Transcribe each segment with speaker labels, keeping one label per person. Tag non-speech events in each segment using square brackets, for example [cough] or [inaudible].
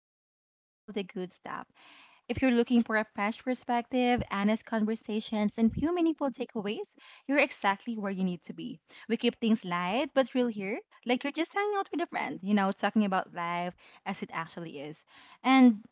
Speaker 1: always, bringing all the good stuff. If you're looking for a fresh perspective, honest conversations, and few meaningful takeaways, you're exactly where you need to be. We keep things light but real here, like you're just hanging out with a friend, you know, talking about life as it actually is. And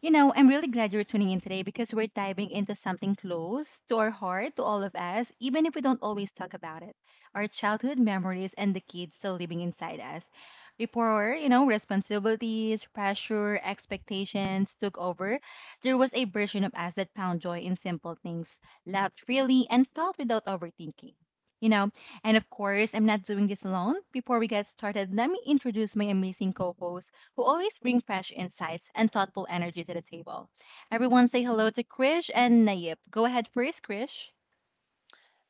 Speaker 1: I'm really glad you're tuning in today because we're diving into something close to our heart, to all of us, even if we don't always talk about it. Our childhood memories and the kids still living inside us. Before responsibilities, pressure, expectations took over, there was a version of us that found joy in simple things, laughed freely, and felt without overthinking. You know, and of course, I'm not doing this alone. Before we get started, let me introduce my amazing co host who always bring fresh insights and thoughtful energy to the table. Everyone say hello to Krish and Nayib. Go ahead first, Krish.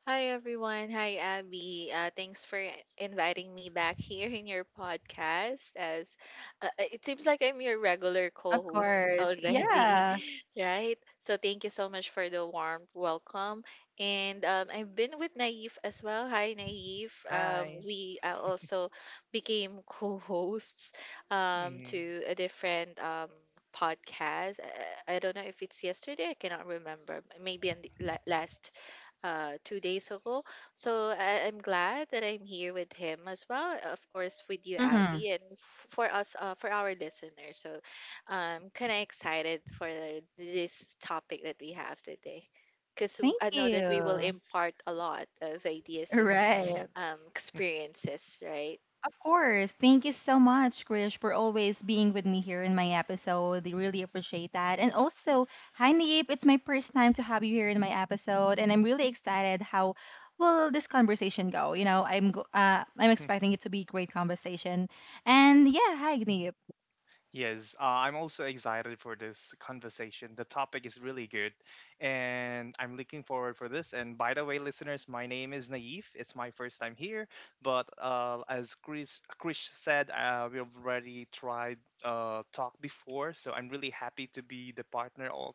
Speaker 2: Hi everyone. Hi Abby. Thanks for inviting me back here in your podcast. As It seems like I'm your regular
Speaker 1: Of
Speaker 2: co-host
Speaker 1: course.
Speaker 2: already,
Speaker 1: Yeah.
Speaker 2: [laughs] right? So thank you so much for the warm welcome. And I've been with Naif as well. Hi Naif.
Speaker 3: Hi.
Speaker 2: We also became [laughs] co-hosts
Speaker 3: hmm
Speaker 2: to a different podcast. I don't know if it's yesterday. I cannot remember. Maybe on the last 2 days ago. So I'm glad that I'm here with him as well, of course, with you,
Speaker 1: Mm-hmm.
Speaker 2: Abby, and for us, for our listeners. So I'm kind of excited for this topic that we have today, because
Speaker 1: Thank
Speaker 2: I know that we will
Speaker 1: you.
Speaker 2: impart a lot of ideas and
Speaker 1: Right.
Speaker 2: experiences, right?
Speaker 1: Of course, thank you so much, Krish, for always being with me here in my episode. I really appreciate that. And also, hi, Nayib. It's my first time to have you here in my episode, and I'm really excited how will this conversation go. You know, I'm
Speaker 3: [laughs]
Speaker 1: expecting it to be a great conversation. And yeah, hi, Nayib.
Speaker 3: Yes, I'm also excited for this conversation. The topic is really good, and I'm looking forward for this. And by the way, listeners, my name is Naif. It's my first time here, but as Chris Krish said, we've already tried talk before, so I'm really happy to be the partner of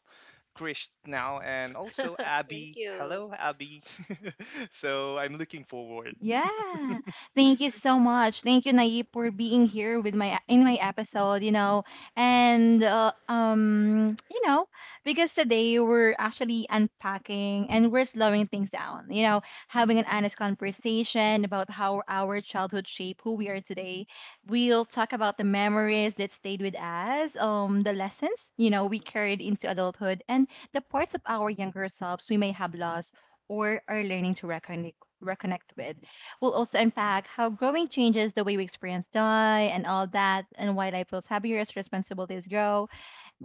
Speaker 3: Krish now, and also
Speaker 2: [laughs] Thank
Speaker 3: Abby.
Speaker 2: you.
Speaker 3: Hello, Abby. [laughs] So I'm looking forward.
Speaker 1: Yeah, thank you so much. Thank you, Nayib, for being here with my in my episode, you know. And uh, um, you know, because today we're actually unpacking and we're slowing things down, you know, having an honest conversation about how our childhood shaped who we are today. We'll talk about the memories that stayed with us, the lessons, you know, we carried into adulthood and the parts of our younger selves we may have lost or are learning to reconnect with. We'll also unpack how growing changes the way we experience die and all that, and why life feels heavier as responsibilities grow.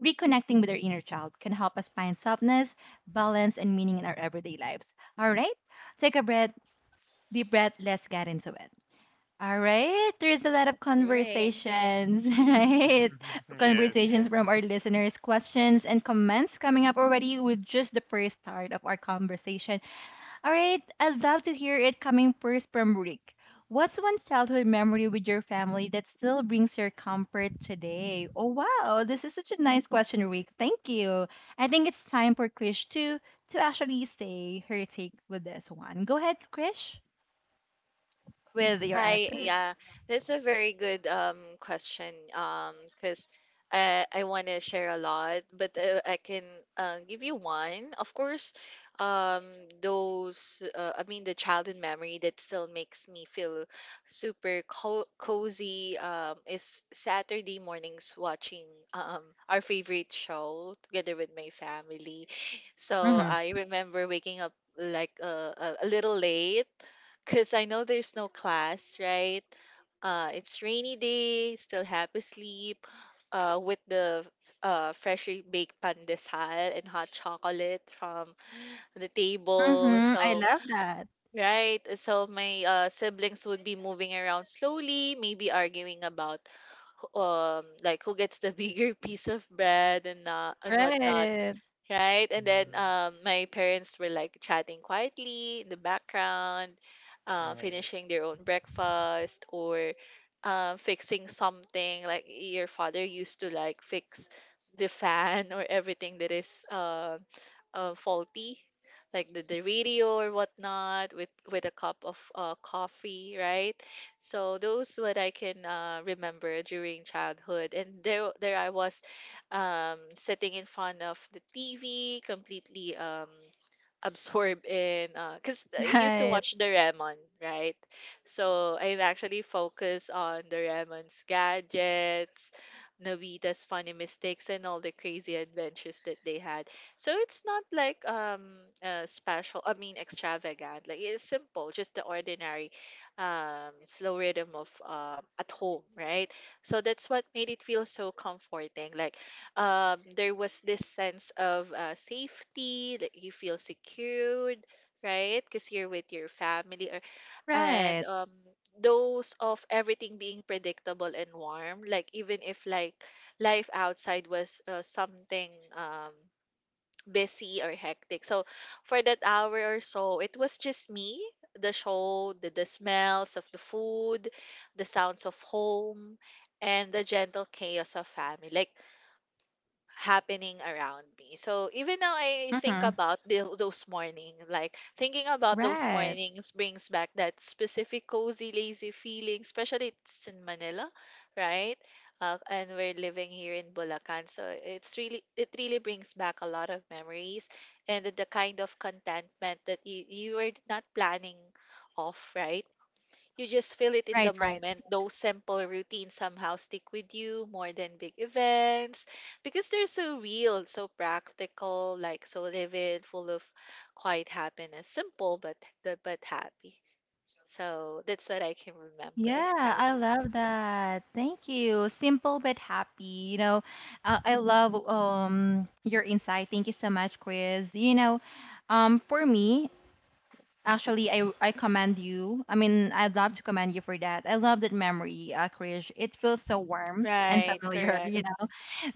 Speaker 1: Reconnecting with our inner child can help us find softness, balance, and meaning in our everyday lives. All right, take a breath, deep breath, let's get into it. All right, there's a lot of
Speaker 2: Right.
Speaker 1: conversations, [laughs] right?
Speaker 3: [laughs] yes.
Speaker 1: Conversations from our listeners, questions, and comments coming up already with just the first start of our conversation. All right, I'd love to hear it coming first from Rick. What's one childhood memory with your family that still brings your comfort today? Oh, wow, this is such a nice question, Rick. Thank you. I think it's time for Krish to actually say her take with this one. Go ahead, Krish, with your
Speaker 2: Hi,
Speaker 1: answer.
Speaker 2: yeah, that's a very good question. Because I want to share a lot, but I can give you one. Of course, um, those I mean the childhood memory that still makes me feel super co cozy is Saturday mornings watching um our favorite show together with my family. So
Speaker 1: Mm-hmm.
Speaker 2: I remember waking up like a little late because I know there's no class, right? It's rainy day, still happy sleep, with the freshly baked pandesal and hot chocolate from the table.
Speaker 1: Mm-hmm. I love that.
Speaker 2: So my siblings would be moving around slowly, maybe arguing about like who gets the bigger [laughs] piece of bread and whatnot.
Speaker 1: Right.
Speaker 2: Right? And then my parents were like chatting quietly in the background,
Speaker 3: Yeah.
Speaker 2: finishing their own breakfast or fixing something. Like your father used to like fix the fan or everything that is faulty, like the radio or whatnot, with a cup of coffee, right? So those what I can remember during childhood, and there I was sitting in front of the TV, completely absorb in because I used to
Speaker 1: Right.
Speaker 2: watch Doraemon, right? So I've actually focused on Doraemon's gadgets, Nobita's funny mistakes, and all the crazy adventures that they had. So it's not like special. I mean extravagant. Like it's simple, just the ordinary, slow rhythm of at home, right? So that's what made it feel so comforting. Like there was this sense of safety that you feel secured, right? Because you're with your family, or and
Speaker 1: Right.
Speaker 2: those of everything being predictable and warm. Like even if like life outside was something um, busy or hectic, so for that hour or so, it was just me. The show, the smells of the food, the sounds of home, and the gentle chaos of family. Like happening around me. So even now I think
Speaker 1: Mm-hmm.
Speaker 2: about those morning, like thinking about those
Speaker 1: Right.
Speaker 2: mornings brings back that specific cozy, lazy feeling, especially it's in Manila, right? And we're living here in Bulacan, so it really brings back a lot of memories and the kind of contentment that you were not planning off, right? You just feel it in the
Speaker 1: Right. Right.
Speaker 2: moment. Those simple routines somehow stick with you more than big events because they're so real, so practical, like so vivid, full of quiet happiness. Simple but but happy. So that's what I can remember,
Speaker 1: Yeah, I
Speaker 2: Abby.
Speaker 1: love that. Thank you. Simple but happy. You know, I love your insight. Thank you so much, Chris. You know, for me, actually, I commend you. I mean, I'd love to commend you for that. I love that memory, Chris. It feels so warm and
Speaker 2: Right,
Speaker 1: familiar. [laughs]
Speaker 2: correct.
Speaker 1: You know,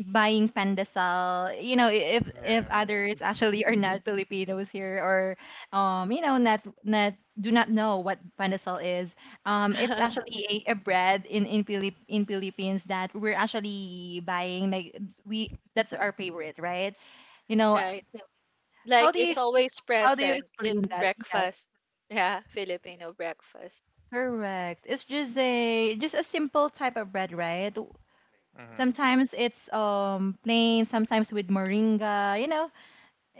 Speaker 1: buying pandesal, you know, if
Speaker 3: Yeah.
Speaker 1: others actually are not filipinos here or you know, not do not know what pandesal is. It's
Speaker 2: [laughs]
Speaker 1: actually a bread in Pilip, in philippines that we're actually buying, like we, that's our favorite, right? You know,
Speaker 2: Right.
Speaker 1: how
Speaker 2: Like
Speaker 1: do you
Speaker 2: it's always
Speaker 1: how do you
Speaker 2: present
Speaker 1: explain
Speaker 2: in
Speaker 1: that? Yes,
Speaker 2: breakfast. Yeah, Filipino breakfast.
Speaker 1: correct, it's just a simple type of bread, right?
Speaker 3: Mhm.
Speaker 1: Sometimes it's plain, sometimes with moringa, you know.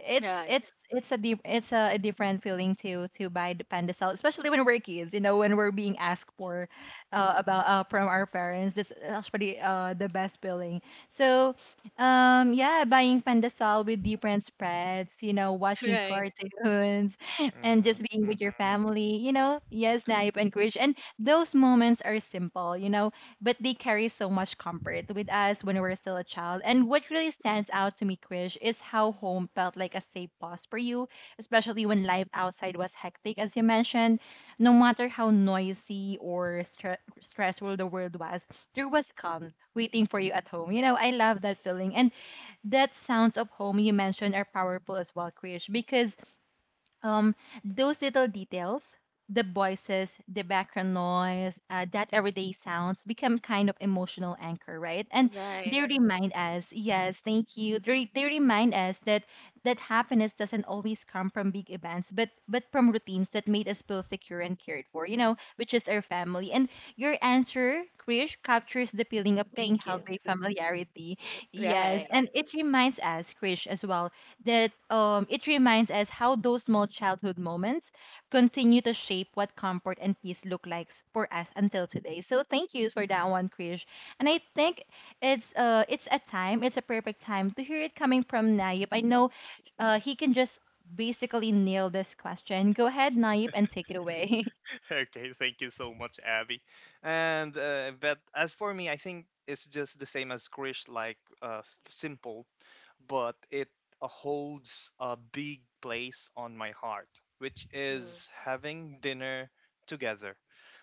Speaker 1: It's
Speaker 2: Right.
Speaker 1: a deep, it's a different feeling to buy the panda salad, especially when we're kids. You know, when we're being asked for about from our parents. That's actually the best feeling. So, yeah, buying panda salad with different spreads. You know,
Speaker 2: [laughs]
Speaker 1: watching
Speaker 2: Right.
Speaker 1: cartoons, [laughs] and
Speaker 3: Mhm.
Speaker 1: just being with your
Speaker 3: Mhm.
Speaker 1: family. You know, yes, Naip and Krish. And those moments are simple, you know, but they carry so much comfort with us when we were still a child. And what really stands out to me, Krish, is how home felt like a safe pause for you, especially when life outside was hectic, as you mentioned. No matter how noisy or stressful the world was, there was calm waiting for you at home. You know, I love that feeling. And that sounds of home you mentioned are powerful as well, Krish, because um, those little details, the voices, the background noise, that everyday sounds become kind of emotional anchor, right? And
Speaker 2: Right.
Speaker 1: they
Speaker 2: Mhm.
Speaker 1: remind us, yes, thank you. They remind us that happiness doesn't always come from big events, but from routines that made us feel secure and cared for, you know, which is our family. And your answer, Krish, captures the feeling of being
Speaker 2: Thank
Speaker 1: held
Speaker 2: you.
Speaker 1: by familiarity. Yes,
Speaker 2: Right.
Speaker 1: and it reminds us, Krish, as well that it reminds us how those small childhood moments continue to shape what comfort and peace look like for us until today. So thank you for that one, Krish. And I think it's a time, it's a perfect time to hear it coming from Nayib. I know he can just basically nail this question. Go ahead, Nayib, and take it away. [laughs]
Speaker 3: [laughs] Okay, thank you so much, Abby. And but as for me, I think it's just the same as Krish, like simple. But it holds a big place on my heart, which is
Speaker 2: Mm-hmm.
Speaker 3: having dinner together.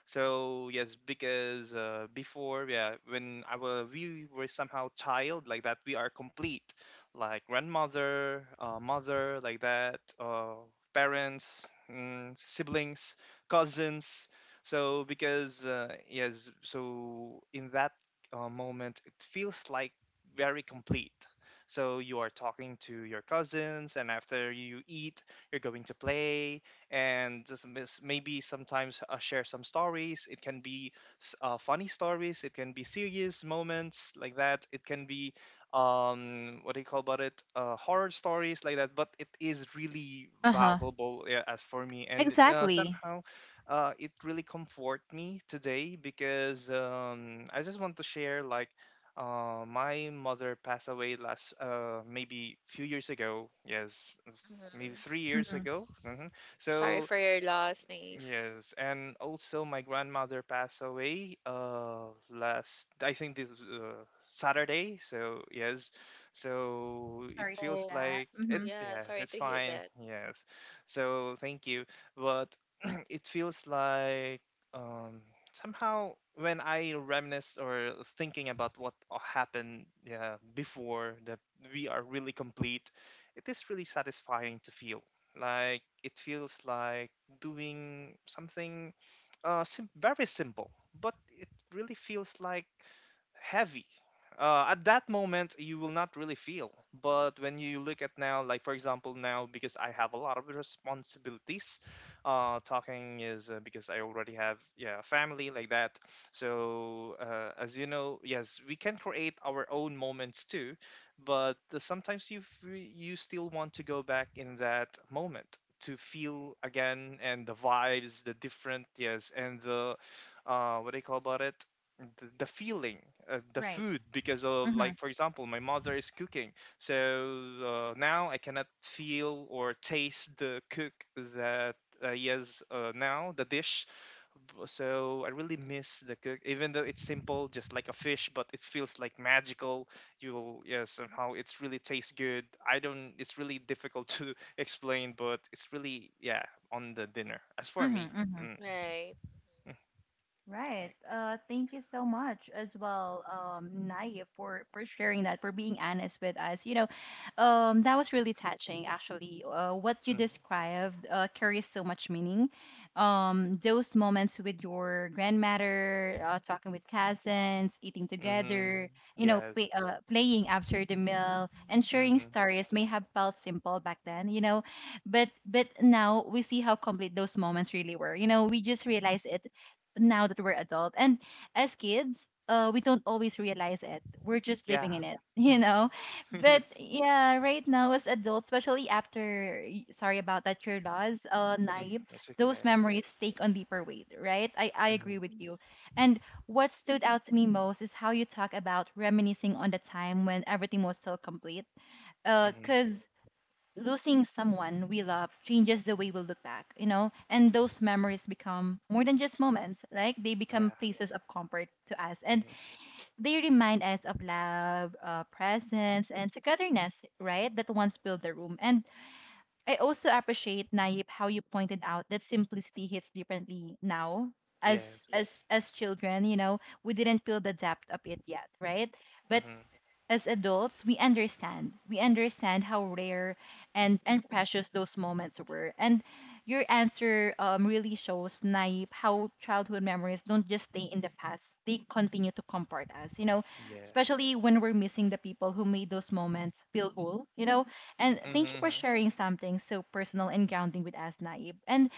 Speaker 3: So yes, because before, yeah, when I was we were somehow child like that, we are complete, like grandmother, mother, like that, parents, siblings, cousins. So because yes, so in that moment, it feels like very complete. So you are talking to your cousins, and after you eat, you're going to play and just maybe sometimes share some stories. It can be funny stories, it can be serious moments like that, it can be what do you call about it, horror stories like that, but it is really
Speaker 1: Uh huh.
Speaker 3: valuable, yeah, as for me. And
Speaker 1: Exactly.
Speaker 3: somehow it really comfort me today because I just want to share like my mother passed away last maybe few years ago. Yes, maybe
Speaker 2: Mm-hmm.
Speaker 3: 3 years
Speaker 1: Mm-hmm.
Speaker 3: ago.
Speaker 2: Sorry
Speaker 3: So,
Speaker 2: for your
Speaker 3: um,
Speaker 2: loss, Naive.
Speaker 3: yes. And also my grandmother passed away last, I think, this Saturday. So yes, so it
Speaker 1: Sorry to hear
Speaker 3: feels
Speaker 2: Oh,
Speaker 1: that.
Speaker 3: like
Speaker 1: Mm-hmm.
Speaker 3: it's,
Speaker 2: yeah,
Speaker 3: yeah,
Speaker 2: sorry
Speaker 3: it's
Speaker 2: to hear
Speaker 3: fine.
Speaker 2: that.
Speaker 3: Yes, so thank you, but. [clears throat] It feels like um somehow when I reminisce or thinking about what happened, yeah, before that we are really complete, it is really satisfying to feel. Like it feels like doing something very simple, but it really feels like heavy. At that moment, you will not really feel. But when you look at now, like for example, now because I have a lot of responsibilities, talking is because I already have, yeah, a family like that. So as you know, yes, we can create our own moments too, but sometimes you you still want to go back in that moment to feel again and the vibes, the different, yes, and the what do you call about it? The feeling, the
Speaker 1: Right.
Speaker 3: food, because of,
Speaker 1: Mm-hmm.
Speaker 3: like, for example, my mother is cooking. So now I cannot feel or taste the cook that he has, now, the dish. So I really miss the cook, even though it's simple, just like a fish, but it feels like magical. You'll, yeah, somehow it's really tastes good. I don't, it's really difficult to [laughs] explain, but it's really, yeah, on the dinner, as for me.
Speaker 1: Mm-hmm.
Speaker 3: mm,
Speaker 2: Right.
Speaker 3: mm,
Speaker 1: Right. Thank you so much as well, Naya, for sharing that, for being honest with us. You know, that was really touching, actually. What you
Speaker 3: mm,
Speaker 1: described carries so much meaning. Those moments with your grandmother, talking with cousins, eating
Speaker 3: mhm,
Speaker 1: together, you know,
Speaker 3: yes.
Speaker 1: playing after the meal, and sharing
Speaker 3: Mm-hmm.
Speaker 1: stories may have felt simple back then. You know, but now we see how complete those moments really were. You know, we just realize it now that we're adult. And as kids, we don't always realize it. We're just
Speaker 3: Yeah.
Speaker 1: living in it, [laughs] you know.
Speaker 3: [laughs]
Speaker 1: But
Speaker 3: yes.
Speaker 1: yeah, right now as adults, especially after sorry about that, your loss,
Speaker 3: hmm
Speaker 1: Naib,
Speaker 3: It's
Speaker 1: those
Speaker 3: okay. Yes.
Speaker 1: memories take on deeper weight, right? I agree
Speaker 3: Mm-hmm.
Speaker 1: with you. And what stood out to me most is how you talk about reminiscing on the time when everything was still complete.
Speaker 3: Mm-hmm.
Speaker 1: Because losing someone we love changes the way we look back, you know, and those memories become more than just moments. Like they become
Speaker 3: Yeah.
Speaker 1: places of comfort to us, and
Speaker 3: Mm-hmm.
Speaker 1: they remind us of love, presence, and togetherness, right? That once filled the room. And I also appreciate Naip how you pointed out that simplicity hits differently now. As
Speaker 3: Yes.
Speaker 1: as children, you know, we didn't feel the depth of it yet, right? But
Speaker 3: Mm-hmm.
Speaker 1: as adults, we understand. We understand how rare and precious those moments were. And your answer, really shows, Naip, how childhood memories don't just stay in the past, they continue to comfort us, you know,
Speaker 3: Yes.
Speaker 1: especially when we're missing the people who made those moments feel whole, you know. And thank you for
Speaker 3: Mm-hmm.
Speaker 1: sharing something so personal and grounding with us, Naip. And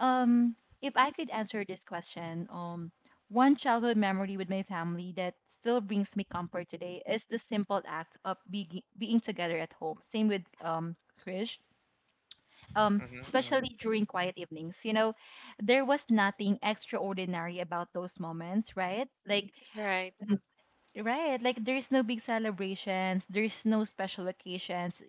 Speaker 1: um, if I could answer this question, one childhood memory with my family that still brings me comfort today is the simple act of being together at home. Same with Krish.
Speaker 3: Mm-hmm.
Speaker 1: Especially
Speaker 3: Mm-hmm.
Speaker 1: during quiet evenings, you know, there was nothing extraordinary about those moments, right?
Speaker 2: Right.
Speaker 1: Right, like there's no big celebrations, there's no special occasions,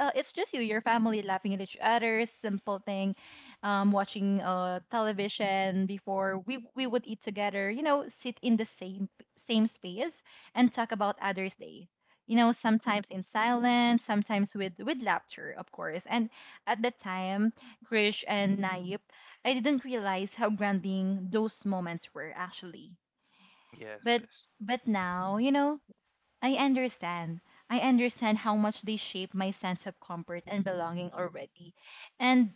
Speaker 1: it's just you, your family laughing at each other, simple thing, watching television before we would eat together. You know, sit in the same same space and talk about others' day. You know, sometimes in silence, sometimes with laughter, of course. And at the time, Krish and Naip, I didn't realize how grounding those moments were actually.
Speaker 3: Yes.
Speaker 1: But
Speaker 3: Yes.
Speaker 1: now, you know, I understand. I understand how much they shape my sense of comfort and belonging already. And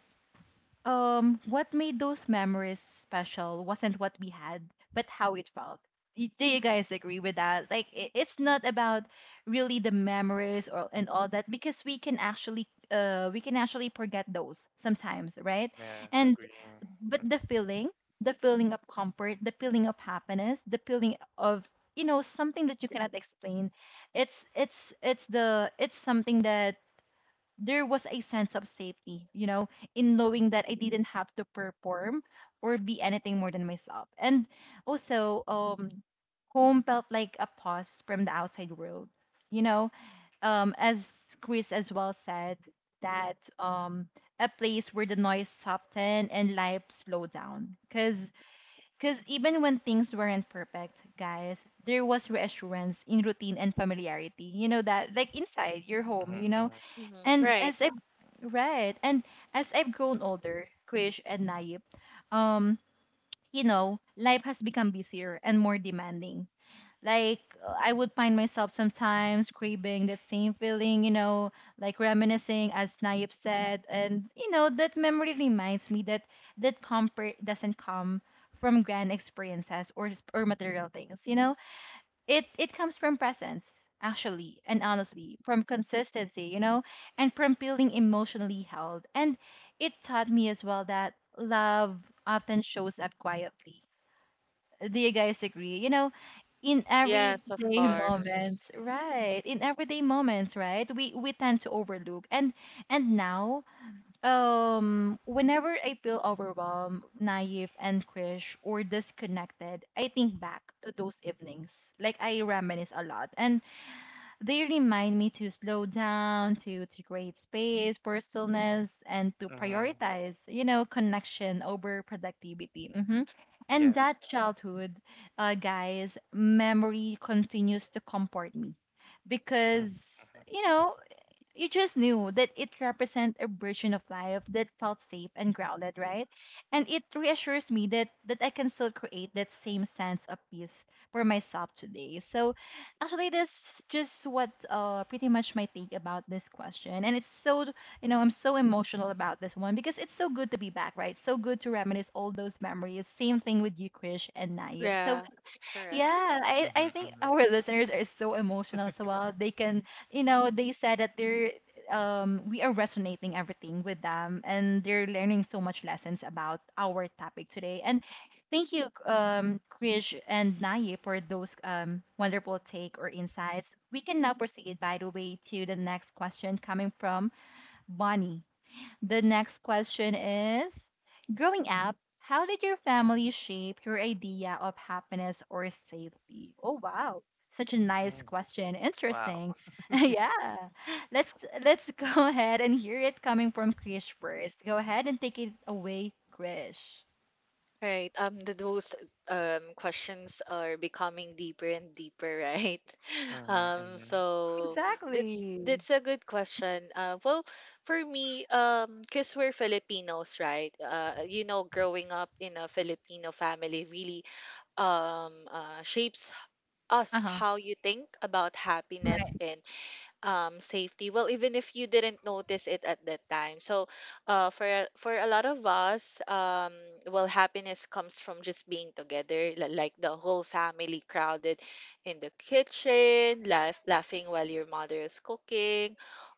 Speaker 1: what made those memories special wasn't what we had, but how it felt. Do you guys agree with that? Like, it's not about really the memories or and all that, because we can actually forget those sometimes, right?
Speaker 3: Yeah.
Speaker 1: And
Speaker 3: Agreeing.
Speaker 1: but the feeling, the feeling of comfort, the feeling of happiness, the feeling of, you know, something that you cannot explain, it's the, it's something that there was a sense of safety, you know, in knowing that I didn't have to perform or be anything more than myself. And also home felt like a pause from the outside world, you know, as Chris as well said, that a place where the noise softened and life slowed down. Because even when things weren't perfect, guys, there was reassurance in routine and familiarity. You know that, like inside your home, you
Speaker 3: Mm-hmm.
Speaker 1: know.
Speaker 3: Mm-hmm.
Speaker 2: Hmm.
Speaker 1: And
Speaker 2: Right.
Speaker 1: as I, right, and as I've grown older, Krish and Naip, um, you know, life has become busier and more demanding I would find myself sometimes craving that same feeling, you know, like reminiscing as Naip said, and you know that memory reminds me that that comfort doesn't come from grand experiences or material things, you know. It comes from presence actually and honestly, from consistency, you know, and from feeling emotionally held. And it taught me as well that love often shows up quietly. Do you guys agree? You know, in
Speaker 3: Yeah.
Speaker 2: Yes, of
Speaker 1: everyday
Speaker 3: Yes.
Speaker 2: course.
Speaker 3: Yes.
Speaker 1: moments, right? In everyday moments, right? We tend to overlook. And now, whenever I feel overwhelmed, naive and cringe or disconnected, I think back to those evenings. Like I reminisce a lot. And they remind me to slow down, to create space, personalness, and to
Speaker 3: Mm-hmm.
Speaker 1: prioritize, you know, connection over productivity. And
Speaker 3: Yes.
Speaker 1: that childhood, guys, memory continues to comfort me
Speaker 3: Mm-hmm.
Speaker 1: because
Speaker 3: Mm-hmm.
Speaker 1: you know you just knew that it represents a version of life that felt safe and grounded, right? And it reassures me that that I can still create that same sense of peace for myself today. So actually that's just what pretty much my take about this question. And it's so, you know, I'm so emotional about this one because it's so good to be back, right? So good to reminisce all those memories. Same thing with you, Krish and Naib. So
Speaker 2: Yeah, correct.
Speaker 1: yeah, I,
Speaker 3: Mm-hmm.
Speaker 1: I think
Speaker 3: Mm-hmm.
Speaker 1: our listeners are so emotional as well. They can, you know, they said that they're, we are resonating everything with them and they're learning so much lessons about our topic today. And thank you, Krish and Naye for those wonderful take or insights. We can now proceed, by the way, to the next question coming from Bonnie. The next question is, growing up, how did your family shape your idea of happiness or safety? Oh, wow. Such a nice
Speaker 3: Mm-hmm.
Speaker 1: question.
Speaker 3: Wow.
Speaker 1: Interesting. [laughs] Yeah. Let's let's [laughs] go ahead and hear it coming from Krish first. Go ahead and take it away, Krish.
Speaker 2: Right. Those questions are becoming deeper and deeper, right? [laughs]
Speaker 3: Mm-hmm. Mm-hmm.
Speaker 2: So
Speaker 1: Exactly.
Speaker 2: that's a good question. Well, for me, because we're Filipinos, right? You know, growing up in a Filipino family really shapes us
Speaker 1: Uh-huh.
Speaker 2: how you think about happiness
Speaker 1: Right.
Speaker 2: and safety. Well, even if you didn't notice it at that time. So, for for a lot of us, well, happiness comes from just being together, like the whole family crowded in the kitchen, laughing while your mother is cooking,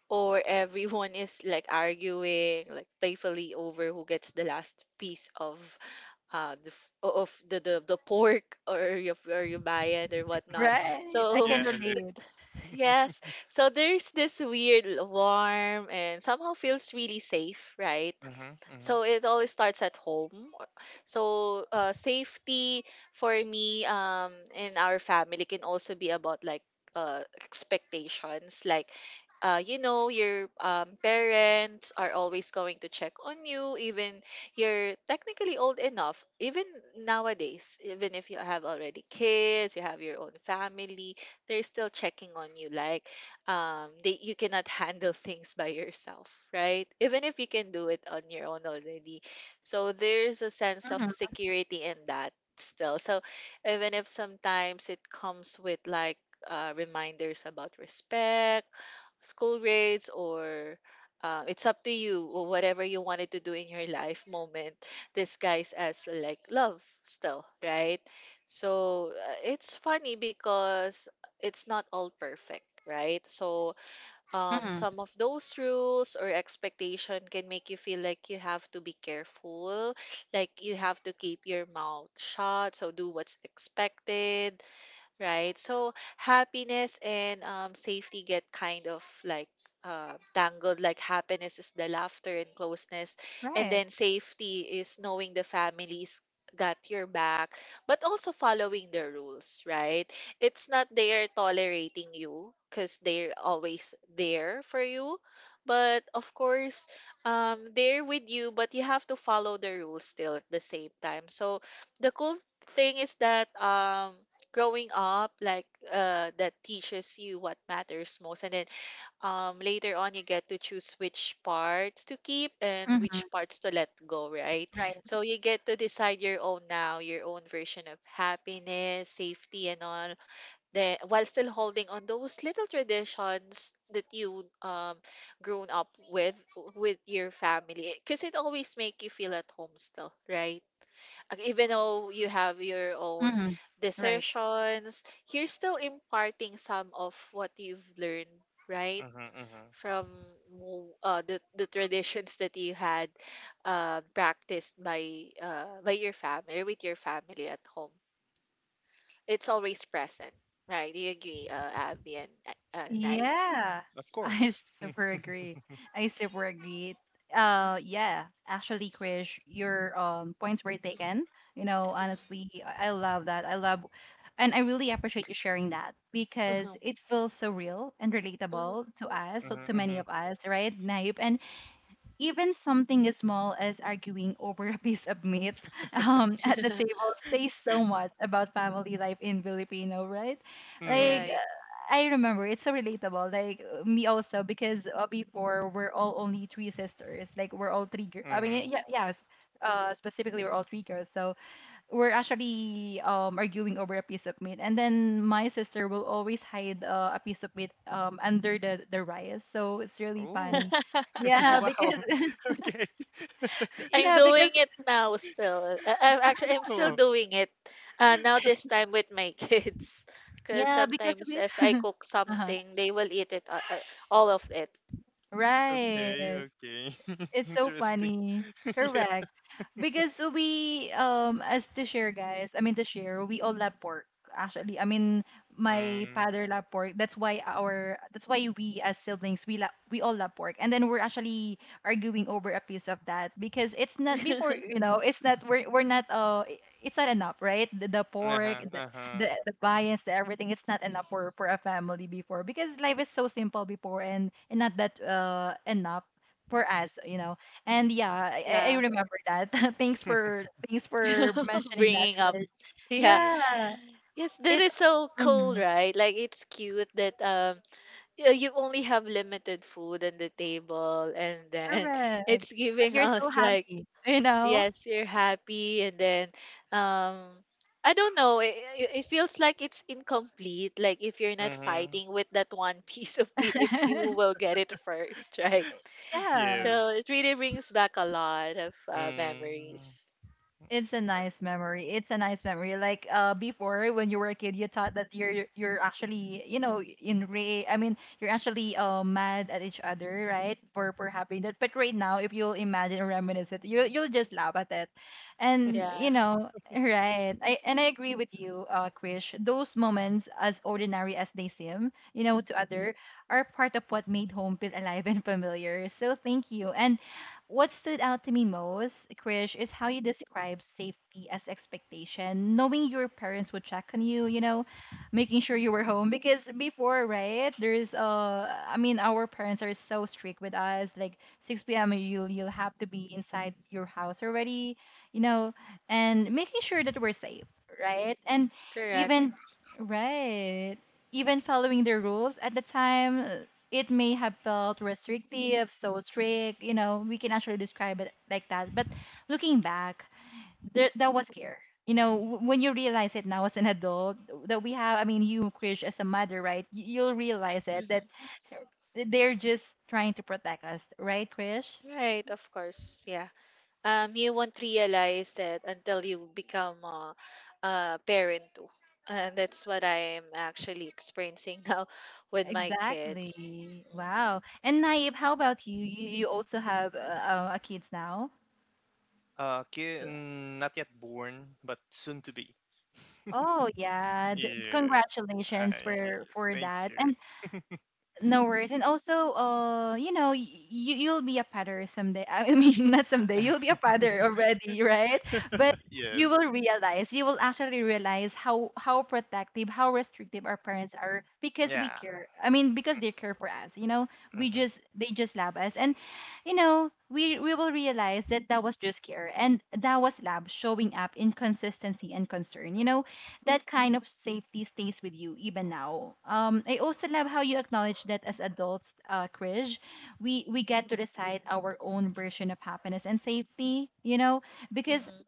Speaker 2: or everyone [laughs] is like arguing, like playfully over who gets the last piece of of the pork [laughs] or your bayan or whatnot.
Speaker 1: Right. I
Speaker 2: So
Speaker 1: can
Speaker 3: Yeah.
Speaker 1: relate.
Speaker 2: [laughs] yes, so there's this weird warm and somehow feels really safe, right?
Speaker 3: Mm-hmm. Mm-hmm.
Speaker 2: So it always starts at home. So safety for me in our family can also be about like expectations. Like, you know, your parents are always going to check on you, even you're technically old enough. Even nowadays, even if you have already kids, you have your own family, they're still checking on you. Like, they you cannot handle things by yourself, right, even if you can do it on your own already. So there's a sense of
Speaker 1: Mm-hmm.
Speaker 2: security in that still. So even if sometimes it comes with like reminders about respect, school grades or it's up to you or whatever you wanted to do in your life moment, disguised as like love still, right? So it's funny because it's not all perfect, right? So
Speaker 1: Mm-hmm.
Speaker 2: some of those rules or expectation can make you feel like you have to be careful, like you have to keep your mouth shut, so do what's expected, right? So happiness and safety get kind of like tangled. Like happiness is the laughter and closeness, and
Speaker 1: Right.
Speaker 2: then safety is knowing the family's got your back, but also following the rules, right? It's not they are tolerating you because they're always there for you. But of course, they're with you, but you have to follow the rules still at the same time. So the cool thing is that growing up like that teaches you what matters most, and then later on you get to choose which parts to keep and
Speaker 1: Mm-hmm.
Speaker 2: which parts to let go, right?
Speaker 1: Right.
Speaker 2: So you get to decide your own now, your own version of happiness, safety and all, the while still holding on those little traditions that you grown up with your family, because it always make you feel at home still, right? Like, even though you have your own
Speaker 1: Mm-hmm. Right.
Speaker 2: decisions, you're still imparting some of what you've learned, right?
Speaker 3: Mm-hmm. Mm-hmm.
Speaker 2: From the traditions that you had practiced by your family or with your family at home. It's always present, right? Do you agree, Abby and Naif?
Speaker 1: Yeah,
Speaker 3: Of
Speaker 1: [laughs] I
Speaker 3: course.
Speaker 1: super
Speaker 3: [laughs]
Speaker 1: agree. I super agree.
Speaker 2: Mm-hmm.
Speaker 1: Yeah, actually, Krish, your points were taken. You know, honestly, I love that. I love, and I really appreciate you sharing that
Speaker 2: Mm-hmm.
Speaker 1: because
Speaker 2: Mm-hmm.
Speaker 1: it feels so real and
Speaker 2: Mm-hmm.
Speaker 1: relatable
Speaker 2: [laughs]
Speaker 1: to us, so to
Speaker 3: Mm-hmm.
Speaker 1: many
Speaker 3: Mm-hmm.
Speaker 1: of us, right, Naip? And even something as small as arguing over a piece of meat [laughs] at the table says so much about family life in Filipino, right? Like,
Speaker 3: Mm-hmm.
Speaker 2: Right.
Speaker 1: I remember it's so relatable. Me also because before we're all only three sisters. Like we're all three. Girls. I
Speaker 3: Mm-hmm.
Speaker 1: mean, yeah, yes. Specifically, we're all three girls. So we're actually arguing over a piece of meat, and then my sister will always hide a piece of meat under the rice. So it's really
Speaker 3: Ooh.
Speaker 1: funny. [laughs]
Speaker 3: [laughs]
Speaker 1: Yeah,
Speaker 2: [laughs]
Speaker 3: wow.
Speaker 1: because
Speaker 3: [laughs] Okay. [laughs]
Speaker 2: I'm
Speaker 1: Yeah,
Speaker 2: doing
Speaker 1: because
Speaker 2: it now still. I'm actually I'm still
Speaker 3: Oh.
Speaker 2: doing it. Now this time with my [laughs] kids, because
Speaker 1: yeah, because
Speaker 2: sometimes
Speaker 1: we
Speaker 2: if I cook
Speaker 1: uh-huh.
Speaker 2: something, they will eat it all of it.
Speaker 1: Right.
Speaker 3: Okay, okay. [laughs]
Speaker 1: It's so
Speaker 3: Interesting.
Speaker 1: funny.
Speaker 3: [laughs] Yeah.
Speaker 1: Correct. Because we as the share guys, I mean the share, we all love pork actually. I mean my
Speaker 3: Mm.
Speaker 1: father love pork. That's why our that's why we as siblings we love we all love pork. And then we're actually arguing over a piece of that because it's not before, you
Speaker 2: [laughs]
Speaker 1: know, it's not we're not it's not enough, right? The pork,
Speaker 3: Uh-huh, uh-huh.
Speaker 1: the bias, the everything, it's not enough for a family before because life is so simple before and not that enough for us, you know. And yeah, I
Speaker 2: Yeah,
Speaker 1: remember that. [laughs] Thanks for thanks for
Speaker 2: [laughs]
Speaker 1: mentioning that,
Speaker 2: bringing up.
Speaker 1: Chris.
Speaker 2: Yeah.
Speaker 3: Yeah.
Speaker 1: Yeah,
Speaker 2: Yes, that
Speaker 1: it
Speaker 2: is so cool,
Speaker 1: mhm,
Speaker 2: right? Like it's cute that you only have limited food on the table, and then [laughs]
Speaker 1: correct.
Speaker 2: it's
Speaker 1: But
Speaker 2: giving
Speaker 1: you're still
Speaker 2: us like
Speaker 1: happy, you know.
Speaker 2: Yes, you're happy, and then um, I don't know. It feels like it's incomplete. Like if you're not
Speaker 3: Mm-hmm.
Speaker 2: fighting with that one [laughs] piece of meat, if you will
Speaker 1: [laughs]
Speaker 2: get it first, right?
Speaker 3: [laughs]
Speaker 1: Yeah.
Speaker 2: So
Speaker 3: Yes.
Speaker 2: it really brings back a lot of
Speaker 3: Mm.
Speaker 2: memories.
Speaker 1: It's a
Speaker 3: Er,
Speaker 1: nice memory. It's a nice memory. Before, when you were a kid, you thought that you're actually you know in re. I mean, you're actually mad at each other, right? For having that. But right now, if you'll imagine or reminisce it, you you'll just laugh at it, and
Speaker 2: Yeah,
Speaker 1: you know, right? I and I agree with you, Krish. Those moments, as ordinary as they seem, you know, to other, are part of what made home feel alive and familiar. So thank you and. What stood out to me most, Krish, is how you describe safety as expectation, knowing your parents would check on you, you know, making sure you were home. Because before, right, there's I mean, our parents are so strict with us. Like 6 p.m., you'll have to be inside your house already, you know, and making sure that we're safe, right? And
Speaker 2: correct.
Speaker 1: even, right, even following the rules at the time it may have felt restrictive, so strict, you know, we can actually describe it like that. But looking back, there, that was care. You know, when you realize it now as an adult, that we have, I mean, you, Krish, as a mother, right? You'll realize it that
Speaker 2: Mhm.
Speaker 1: they're just trying to protect us, right, Krish?
Speaker 2: Right, of course. Yeah. You won't realize that until you become a parent too. And that's what I am actually experiencing [laughs] now with my kids.
Speaker 1: Exactly.
Speaker 2: Mm-hmm.
Speaker 1: Wow. And Naib, how about you? You also have a kids now. Uh,
Speaker 3: Not yet born, but soon to be.
Speaker 1: Oh yeah.
Speaker 3: Yes.
Speaker 1: Congratulations
Speaker 3: Yes.
Speaker 1: for
Speaker 3: Thank
Speaker 1: that.
Speaker 3: you.
Speaker 1: And no worries. And also, you know, you you'll be a father someday. I mean, [laughs] not someday. You'll be a
Speaker 3: [laughs]
Speaker 1: father already, right? But you will
Speaker 3: Yes.
Speaker 1: realize, you will actually realize how protective, how restrictive our parents are because we
Speaker 3: Yeah.
Speaker 1: care. I mean, because they care for us. You know, we just
Speaker 3: hmm
Speaker 1: they just love us, and you know, we will realize that that was just care, and that was love showing up in consistency and concern. You know, that kind of safety stays with you even now. I also love how you acknowledge that as adults, Krish, we get to decide our own version of happiness and safety. You know, because
Speaker 2: Mm-hmm.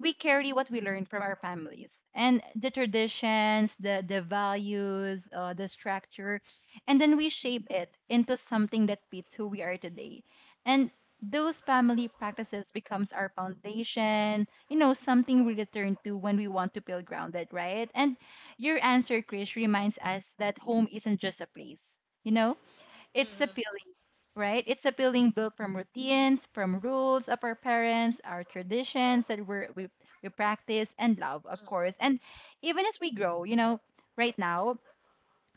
Speaker 1: we carry what we learned from our families and the traditions, the values, the structure, and then we shape it into something that fits who we are today. And those family practices becomes our foundation, you know, something we return to when we want to feel grounded, right? And your answer, Chris, reminds us that home isn't just a place, you know, it's
Speaker 2: Mm-hmm.
Speaker 1: appealing, right? It's appealing built from routines, from rules of our parents, our traditions that we practice and love, of course. And even as we grow, you know, right now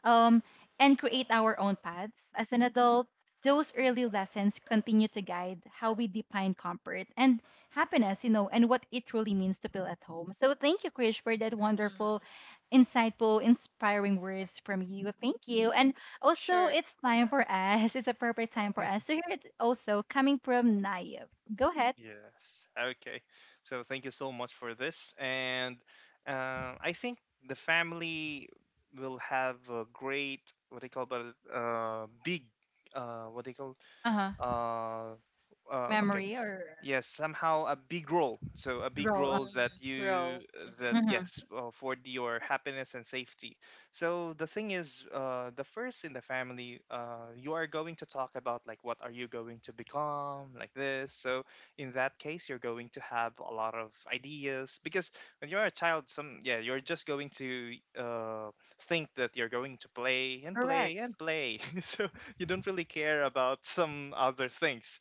Speaker 1: um, and create our own paths. As an adult, those early lessons continue to guide how we define comfort and happiness, you know, and what it truly means to feel at home. So thank you, Krish, for that wonderful,
Speaker 2: Mm-hmm.
Speaker 1: insightful, inspiring words from you. Thank you. And also,
Speaker 2: Sure.
Speaker 1: it's time for us, [laughs] it's a perfect time for us to hear it also coming from Naive. Go ahead.
Speaker 3: Yes. Okay. So thank you so much for this, and I think the family will have a great what they call, but big what they call
Speaker 1: Uh-huh.
Speaker 3: uh okay,
Speaker 1: Memory or
Speaker 3: yes, somehow a big role. So a big
Speaker 1: role.
Speaker 3: role that
Speaker 2: Mm-hmm.
Speaker 3: you
Speaker 2: Row. Mm-hmm.
Speaker 3: that
Speaker 1: Mhm.
Speaker 3: yes, for your happiness and safety. So the thing is, the first in the family, you are going to talk about like what are you going to become like this. So in that case, you're going to have a lot of ideas, because when you're a child, some, yeah, you're just going to think that you're going to play and play
Speaker 1: Correct.
Speaker 3: and play. [laughs] So you don't really care about some other things,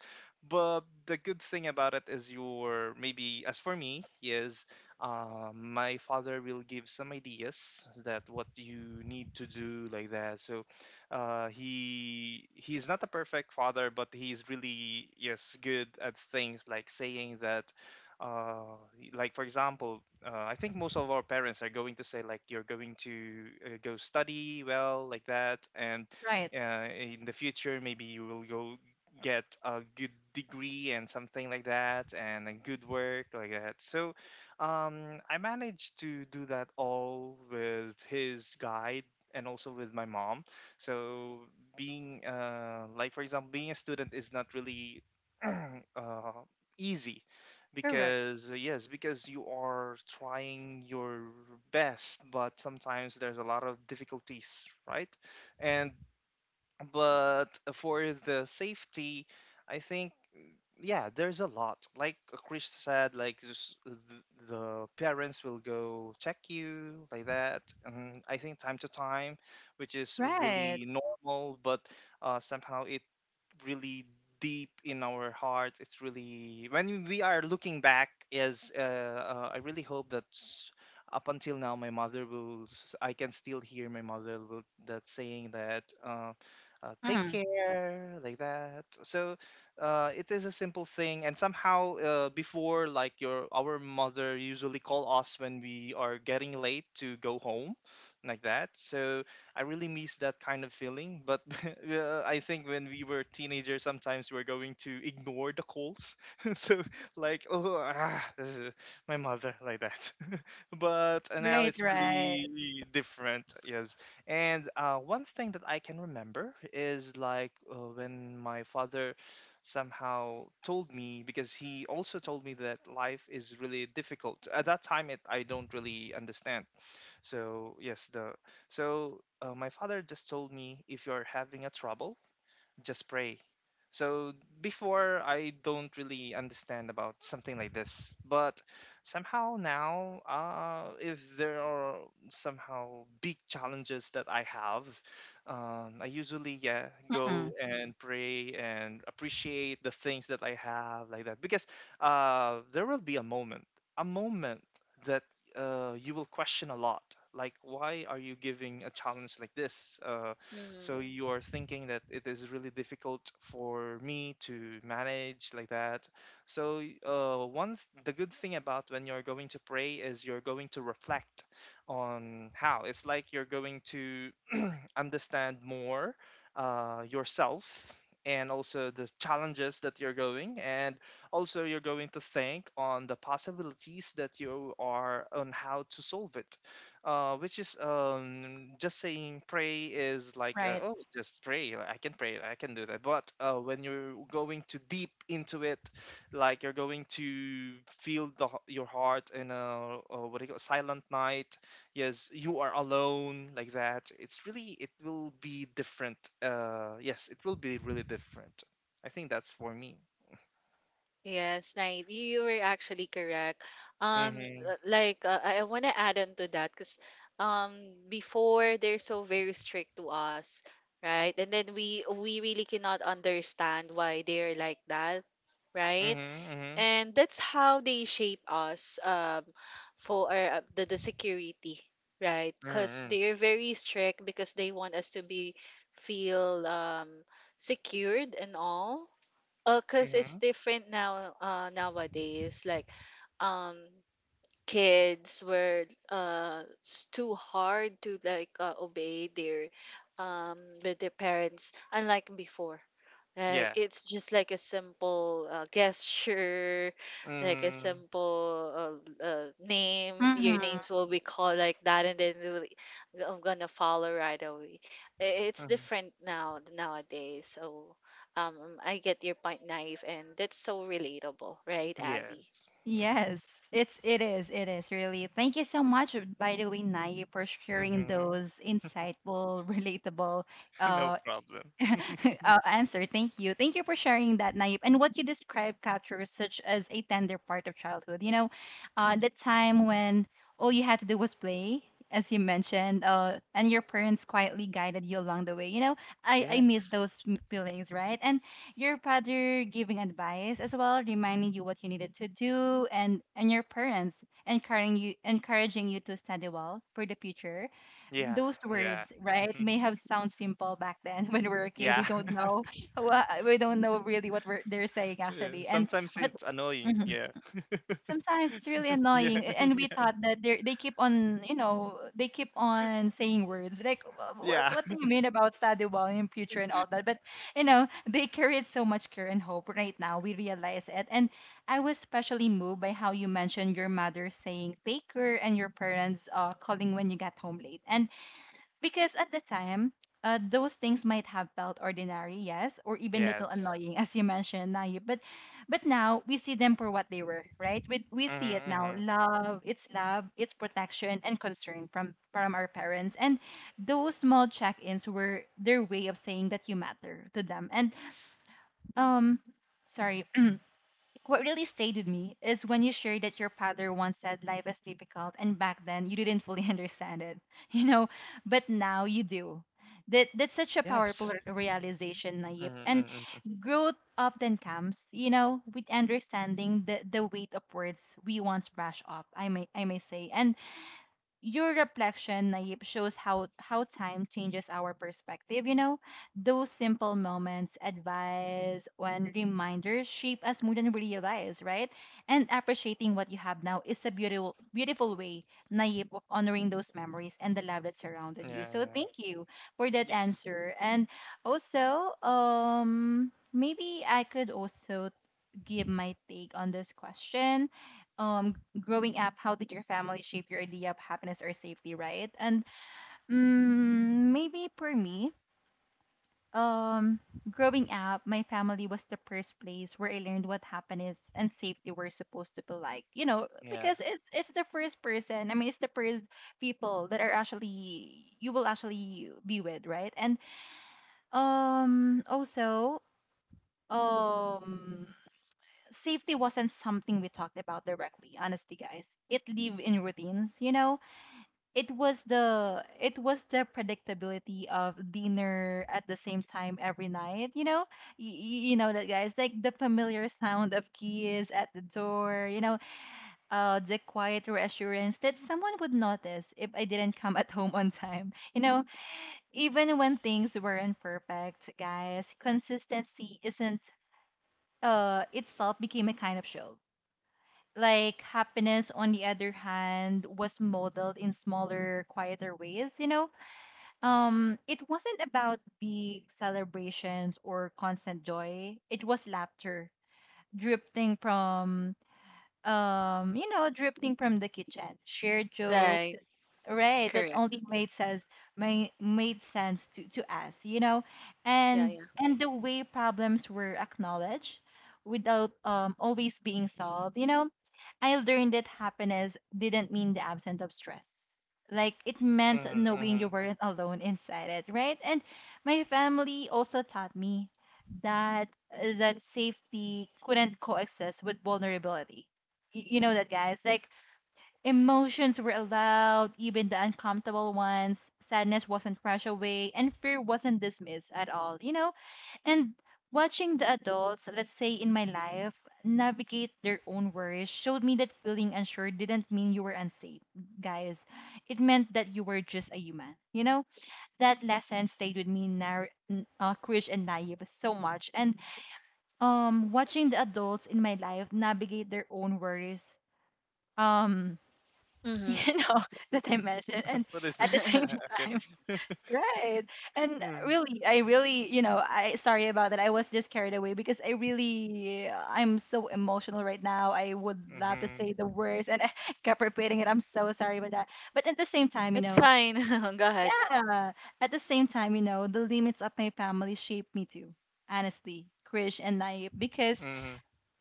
Speaker 3: but the good thing about it is, your, maybe, as for me, is, my father will give some ideas that what you need to do like that. So he he's not a perfect father, but he's really, yes, good at things like saying that. Uh, like for example, I think most of our parents are going to say like, you're going to go study well like that, and
Speaker 1: Right.
Speaker 3: in the future maybe you will go get a good degree and something like that, and a good work like that. So I managed to do that all with his guide and also with my mom. So being like for example, being a student is not really uh, easy,
Speaker 1: Correct.
Speaker 3: because yes, because you are trying your best, but sometimes there's a lot of difficulties, right? And but for the safety, I think, yeah, there's a lot, like Chris said, like just the parents will go check you like that, and I think time to time, which is
Speaker 1: Right.
Speaker 3: really normal. But somehow it really deep in our heart, it's really, when we are looking back, is I really hope that up until now, my mother will I can still hear my mother will that saying that, take
Speaker 1: Mhm.
Speaker 3: care like that. So it is a simple thing. And somehow, before, like, your, our mother usually call us when we are getting late to go home like that. So I really miss that kind of feeling. But [laughs] I think when we were teenagers, sometimes we are going to ignore the calls. [laughs] So like, oh, ah, [laughs] my mother like that. [laughs] But now
Speaker 1: Right,
Speaker 3: it's
Speaker 1: right.
Speaker 3: really different, yes. And one thing that I can remember is like, when my father somehow told me, because he also told me that life is really difficult, at that time it I don't really understand. So yes, the, so my father just told me, if you're having a trouble, just pray. So before, I don't really understand about something like this, but somehow now, if there are somehow big challenges that I have, I usually, yeah, go
Speaker 1: Mhm.
Speaker 3: and pray and appreciate the things that I have like that. Because there will be a moment that you will question a lot. Like, why are you giving a challenge like this?
Speaker 2: Mm-hmm.
Speaker 3: So you are thinking that it is really difficult for me to manage like that. So one the good thing about when you're going to pray is you're going to reflect on how it's like, you're going to [clears throat] understand more yourself, and also the challenges that you're going, and also you're going to think on the possibilities that you are on how to solve it. Uh, which is, just saying pray is like,
Speaker 1: Right.
Speaker 3: oh, just pray, like, I can pray, I can do that. But when you're going too deep into it, like you're going to feel the, your heart, in a, what do you call, silent night, yes, you are alone like that, it's really, it will be different. Uh, yes, it will be really different. I think that's for me.
Speaker 2: Yes, Naive, you were actually correct. Um,
Speaker 3: mm-hmm
Speaker 2: like I want to add on to that because um before they're so very strict to us, right? And then we really cannot understand why they're like that, right?
Speaker 3: mm-hmm
Speaker 2: And that's how they shape us for our, the security, right,
Speaker 3: mm-hmm
Speaker 2: because
Speaker 3: mm-hmm, mm-hmm.
Speaker 2: they're very strict because they want us to be feel secured and all, because it's
Speaker 3: mm-hmm,
Speaker 2: different now nowadays. Like um kids were too hard to like obey their um with their parents, unlike before. Like
Speaker 3: yeah.
Speaker 2: it's just like a simple gesture, like a
Speaker 3: mm-hmm,
Speaker 2: simple name, your
Speaker 1: Mm-hmm.
Speaker 2: names will be called like that, and then they will, I'm gonna follow right away. I- it's
Speaker 3: mm-hmm.
Speaker 2: different now nowadays. So um I get your point, Naive, and that's so relatable, right, Abby?
Speaker 3: yes. Mm-hmm.
Speaker 1: Yes, it's it is really. Thank you so much, by the way, Naye, for sharing
Speaker 3: Mm-hmm.
Speaker 1: those insightful, [laughs] relatable,
Speaker 3: [laughs] No
Speaker 1: uh,
Speaker 3: problem.
Speaker 1: [laughs] answer. Thank you. Thank you for sharing that, Naip. And what you described captures such as a tender part of childhood. You know, the time when all you had to do was play, as you mentioned, and your parents quietly guided you along the way. You know, I miss
Speaker 3: Yes.
Speaker 1: those feelings, right? And your father giving advice as well, reminding you what you needed to do, and your parents encouraging you to study well for the future.
Speaker 3: Yeah.
Speaker 1: Those
Speaker 3: Yeah.
Speaker 1: words, right,
Speaker 3: Mhm.
Speaker 1: may have sound simple back then [laughs] when we were a kid.
Speaker 3: Yeah.
Speaker 1: We don't
Speaker 3: [laughs]
Speaker 1: know, we don't know really what they're saying
Speaker 3: Yeah.
Speaker 1: actually, and
Speaker 3: Sometimes
Speaker 1: but
Speaker 3: it's annoying.
Speaker 1: mhm,
Speaker 3: Yeah.
Speaker 1: sometimes it's really
Speaker 3: Yeah.
Speaker 1: annoying. And we thought that they keep on, you know, they keep on saying words like
Speaker 3: Yeah.
Speaker 1: what do you
Speaker 3: [laughs]
Speaker 1: mean about study well in future and all that. But you know, they carried so much care and hope. Right now, we realize it, and I was especially moved by how you mentioned your mother saying take care and your parents calling when you got home late and because at the time, those things might have felt ordinary, yes, or even little
Speaker 3: Yes.
Speaker 1: annoying, as you mentioned, Nayib. But now we see them for what they were, right? We see it
Speaker 3: Mm-hmm,
Speaker 1: now.
Speaker 3: mm-hmm.
Speaker 1: Love, it's protection and concern from our parents. And those small check-ins were their way of saying that you matter to them. And um, sorry, what really stayed with me is when you shared that your father once said life is difficult, and back then you didn't fully [laughs] understand it, you know, but now you do. That's such a powerful
Speaker 3: Yes.
Speaker 1: realization, Nayib.
Speaker 3: Mm-hmm,
Speaker 1: And
Speaker 3: mm-hmm.
Speaker 1: growth often comes, you know, with understanding the weight of words we once brush off. I may say, and your reflection, Naip, shows how time changes our perspective. You know, those simple moments, advice, and reminders shape us more than we realize, right? And appreciating what you have now is a beautiful beautiful way, Naip, of honoring those memories and the love that surrounded you.
Speaker 3: Yeah.
Speaker 1: So
Speaker 3: Yeah.
Speaker 1: thank you for that
Speaker 3: Yes.
Speaker 1: answer. And also, maybe I could also give my take on this question. Growing up, how did your family shape your idea of happiness or safety, right? And maybe for me, um, growing up, my family was the first place where I learned what happiness and safety were supposed to be like. You know,
Speaker 3: Yeah.
Speaker 1: because it's the first person. I mean, it's the first people that are actually you will actually be with, right? And also, um safety wasn't something we talked about directly, honestly, guys. It lived in routines, you know. It was the, it was the predictability of dinner at the same time every night, you know. You know that, guys, like the familiar sound of keys at the door, you know. The quiet reassurance that someone would notice if I didn't come at home on time, you know. Even when things weren't perfect, guys, consistency isn't, itself became a kind of show. Like happiness, on the other hand, was modeled in smaller, quieter ways, you know? It wasn't about big celebrations or constant joy. It was laughter drifting from, drifting from the kitchen, shared jokes,
Speaker 2: Right,
Speaker 1: right? That
Speaker 2: correct.
Speaker 1: only made sense, made sense to us, you know?
Speaker 2: Yeah.
Speaker 1: And the way problems were acknowledged without always being solved, you know? I learned that happiness didn't mean the absence of stress. Like it meant
Speaker 3: Mm-hmm,
Speaker 1: knowing
Speaker 3: mm-hmm.
Speaker 1: you weren't alone inside it, right? And my family also taught me that that safety couldn't coexist with vulnerability. You know that, guys. Like emotions were allowed, even the uncomfortable ones. Sadness wasn't crushed away, and fear wasn't dismissed at all. You know, and watching the adults, let's say in my life, navigate their own worries showed me that feeling unsure didn't mean you were unsafe, guys. It meant that you were just a human. You know, that lesson stayed with me, Krish and Naive, so much. And watching the adults in my life navigate their own worries, um, [laughs]
Speaker 2: Mhm.
Speaker 1: you know, that I mentioned, and
Speaker 3: What is it?
Speaker 1: at the [laughs] same
Speaker 2: [laughs]
Speaker 3: Okay.
Speaker 1: time, right. And
Speaker 3: Mm-hmm.
Speaker 1: really, I really, you know, I sorry about that. I was just carried away because I really, I'm so emotional right now. I would love to say
Speaker 3: Mm-hmm.
Speaker 1: the words and I [laughs] kept repeating it. I'm so sorry about that. But at the same time, you
Speaker 2: It's
Speaker 1: know,
Speaker 2: fine. [laughs] Go ahead.
Speaker 1: yeah, at the same time, you know, the limits of my family shaped me too, honestly, Krish and Naip, because
Speaker 3: Mm-hmm.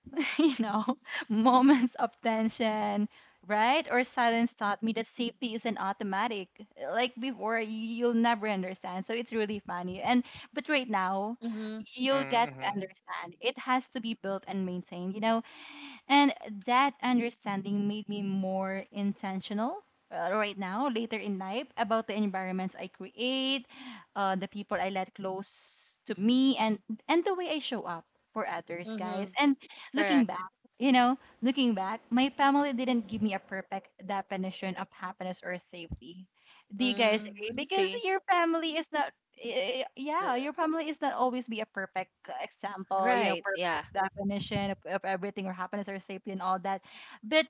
Speaker 1: [laughs] you know, moments of tension, right? Or silence taught me that safety isn't automatic. Like before, you'll never understand. So it's really funny. And but right now,
Speaker 2: Mhm.
Speaker 1: you'll
Speaker 3: Mm-hmm.
Speaker 1: get to
Speaker 3: mm-hmm.
Speaker 1: understand. It has to be built and maintained. You know, and that understanding made me more intentional, right now, later in life, about the environments I create, the people I let close to me, and the way I show up for others, guys.
Speaker 2: Mhm.
Speaker 1: And looking
Speaker 2: Correct.
Speaker 1: back, you know, looking back, my family didn't give me a perfect definition of happiness or safety. Do you guys
Speaker 2: Mm,
Speaker 1: agree?
Speaker 2: I
Speaker 1: Because
Speaker 2: see.
Speaker 1: your family is not
Speaker 2: Uh,
Speaker 1: yeah, your family is not always be a perfect example, you know,
Speaker 2: right. Yeah.
Speaker 1: perfect definition of everything or happiness or safety and all that. But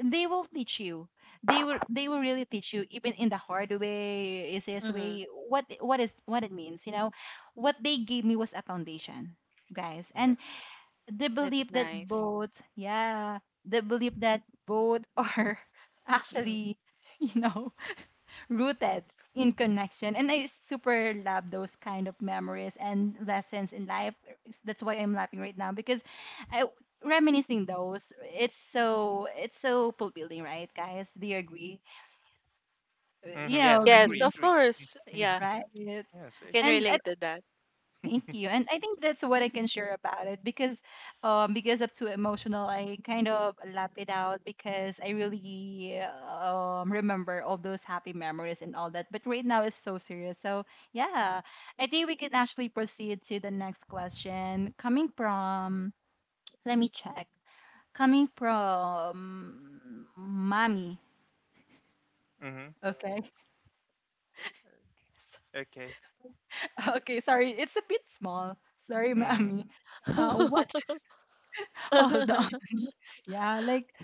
Speaker 1: they will teach you. They will really teach you, even in the hard way, easiest
Speaker 2: Mhm.
Speaker 1: way, what is what it means, you know. What they gave me was a foundation, guys. And
Speaker 3: Yes.
Speaker 1: the
Speaker 2: That's
Speaker 1: belief that
Speaker 2: nice.
Speaker 1: both, yeah, the belief that both [laughs] are
Speaker 2: [laughs]
Speaker 1: actually, you know, rooted in connection. And I super love those kind of memories and lessons in life. That's why I'm laughing right now because I reminiscing those, it's so fulfilling, right, guys? Do you agree?
Speaker 3: Mm-hmm.
Speaker 1: You
Speaker 3: Yes.
Speaker 1: know,
Speaker 2: Yes,
Speaker 3: Agree.
Speaker 2: of
Speaker 3: Agree.
Speaker 2: course.
Speaker 3: [laughs]
Speaker 2: Yeah.
Speaker 1: right,
Speaker 3: yes. I
Speaker 2: Can
Speaker 3: agree
Speaker 1: and
Speaker 3: with
Speaker 1: i
Speaker 2: relate to that.
Speaker 1: thank you. And I think that's what I can share about it because up to emotional I kind of lap it out because I really remember all those happy memories and all that. But right now it's so serious. So yeah, I think we can actually proceed to the next question. Coming from, let me check. Coming from mommy.
Speaker 3: that. Mm-hmm.
Speaker 1: Okay. [laughs]
Speaker 3: Okay.
Speaker 1: Okay, sorry. It's a bit small. Sorry,
Speaker 3: Mm-hmm.
Speaker 1: mommy. Uh, what?
Speaker 2: [laughs]
Speaker 1: [laughs] Hold on. Yeah, like,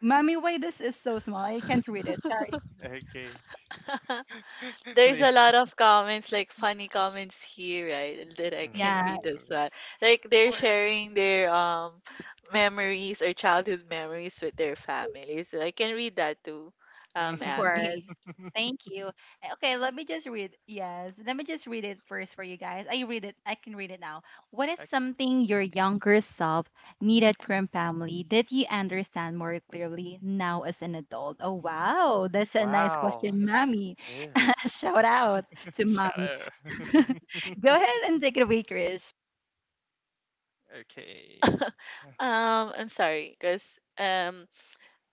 Speaker 1: mommy, why this is so small? I can't read it. Sorry.
Speaker 3: Okay.
Speaker 2: [laughs]
Speaker 3: [laughs]
Speaker 2: There's
Speaker 3: Me-
Speaker 2: a lot of comments, like funny comments here, right? [laughs] That I can
Speaker 1: Yeah,
Speaker 2: read as well.
Speaker 3: yes.
Speaker 2: Like
Speaker 1: of
Speaker 2: they're
Speaker 1: course.
Speaker 2: sharing their memories or childhood memories with their family. So I can read that too,
Speaker 1: Of
Speaker 3: [laughs]
Speaker 1: course.
Speaker 2: Abby. [laughs]
Speaker 1: Thank you. Okay, let me just read. Yes, let me just read it first for you guys. I read it. I can read it now. What is
Speaker 3: Okay.
Speaker 1: something your younger self needed from family that you understand more clearly now as an adult? Oh, wow. That's a nice
Speaker 3: Wow.
Speaker 1: question, mommy.
Speaker 3: Yes.
Speaker 1: [laughs] Shout out to
Speaker 3: [laughs]
Speaker 1: mommy.
Speaker 3: Shadow.
Speaker 1: [laughs] Go ahead and take it away, Krish.
Speaker 3: Okay.
Speaker 2: I'm sorry, because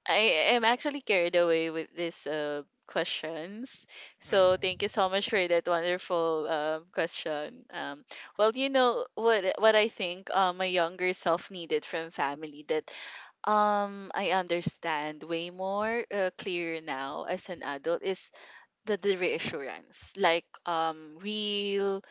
Speaker 2: I am actually carried away with these questions. So thank you
Speaker 3: Mm-hmm.
Speaker 2: so much for that wonderful question. You know what I think my younger self needed from family that I understand way more clear now as an adult is the reassurance like real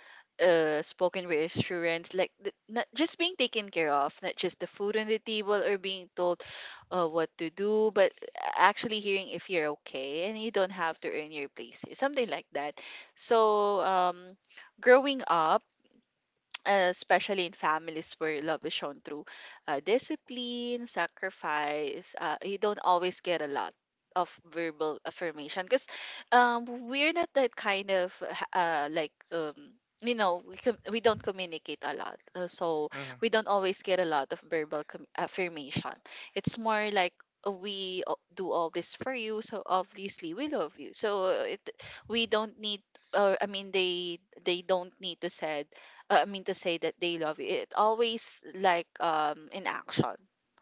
Speaker 2: spoken reassurance like the, not just being taken care of, not just the food on the table or being told what to do, but actually hearing if you're okay and you don't have to earn your places, something like that. So growing up, especially in families where love is shown through discipline, sacrifice, you don't always get a lot of verbal affirmation, because we're not that kind of uh, like um, you know, we don't communicate a lot, so
Speaker 3: Mm-hmm.
Speaker 2: we don't always get a lot of verbal affirmation. It's more like, do all this for you, so obviously we love you. So it, we don't need, or I mean, they don't need to said, I mean, to say that they love you. It always like in action,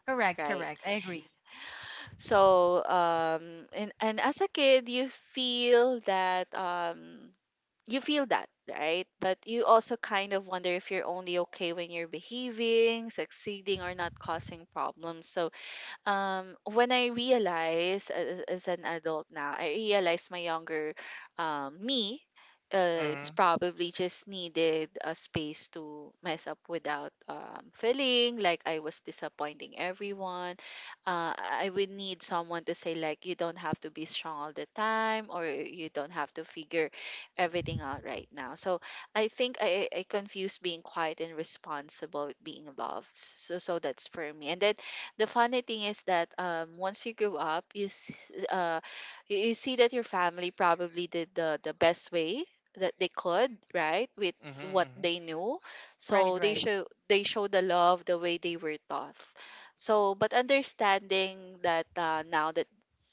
Speaker 1: Correct,
Speaker 2: right?
Speaker 1: correct. I agree.
Speaker 2: So and as a kid you feel that, you feel that, right? But you also kind of wonder if you're only okay when you're behaving, succeeding, or not causing problems. So when I realize as an adult now, I realize my younger, me is
Speaker 3: Mm-hmm.
Speaker 2: probably just needed a space to mess up without feeling like I was disappointing everyone. I would need someone to say like, you don't have to be strong all the time, or you don't have to figure everything out right now. So I think I confuse being quiet and responsible with being loved. So that's for me. And then the funny thing is that, once you grow up, uh, you you see that your family probably did the best way that they could, right, with what
Speaker 3: Mm-hmm.
Speaker 2: they knew.
Speaker 1: Right,
Speaker 2: So they
Speaker 1: right,
Speaker 2: show they show the love the way they were taught. So, but understanding that now, that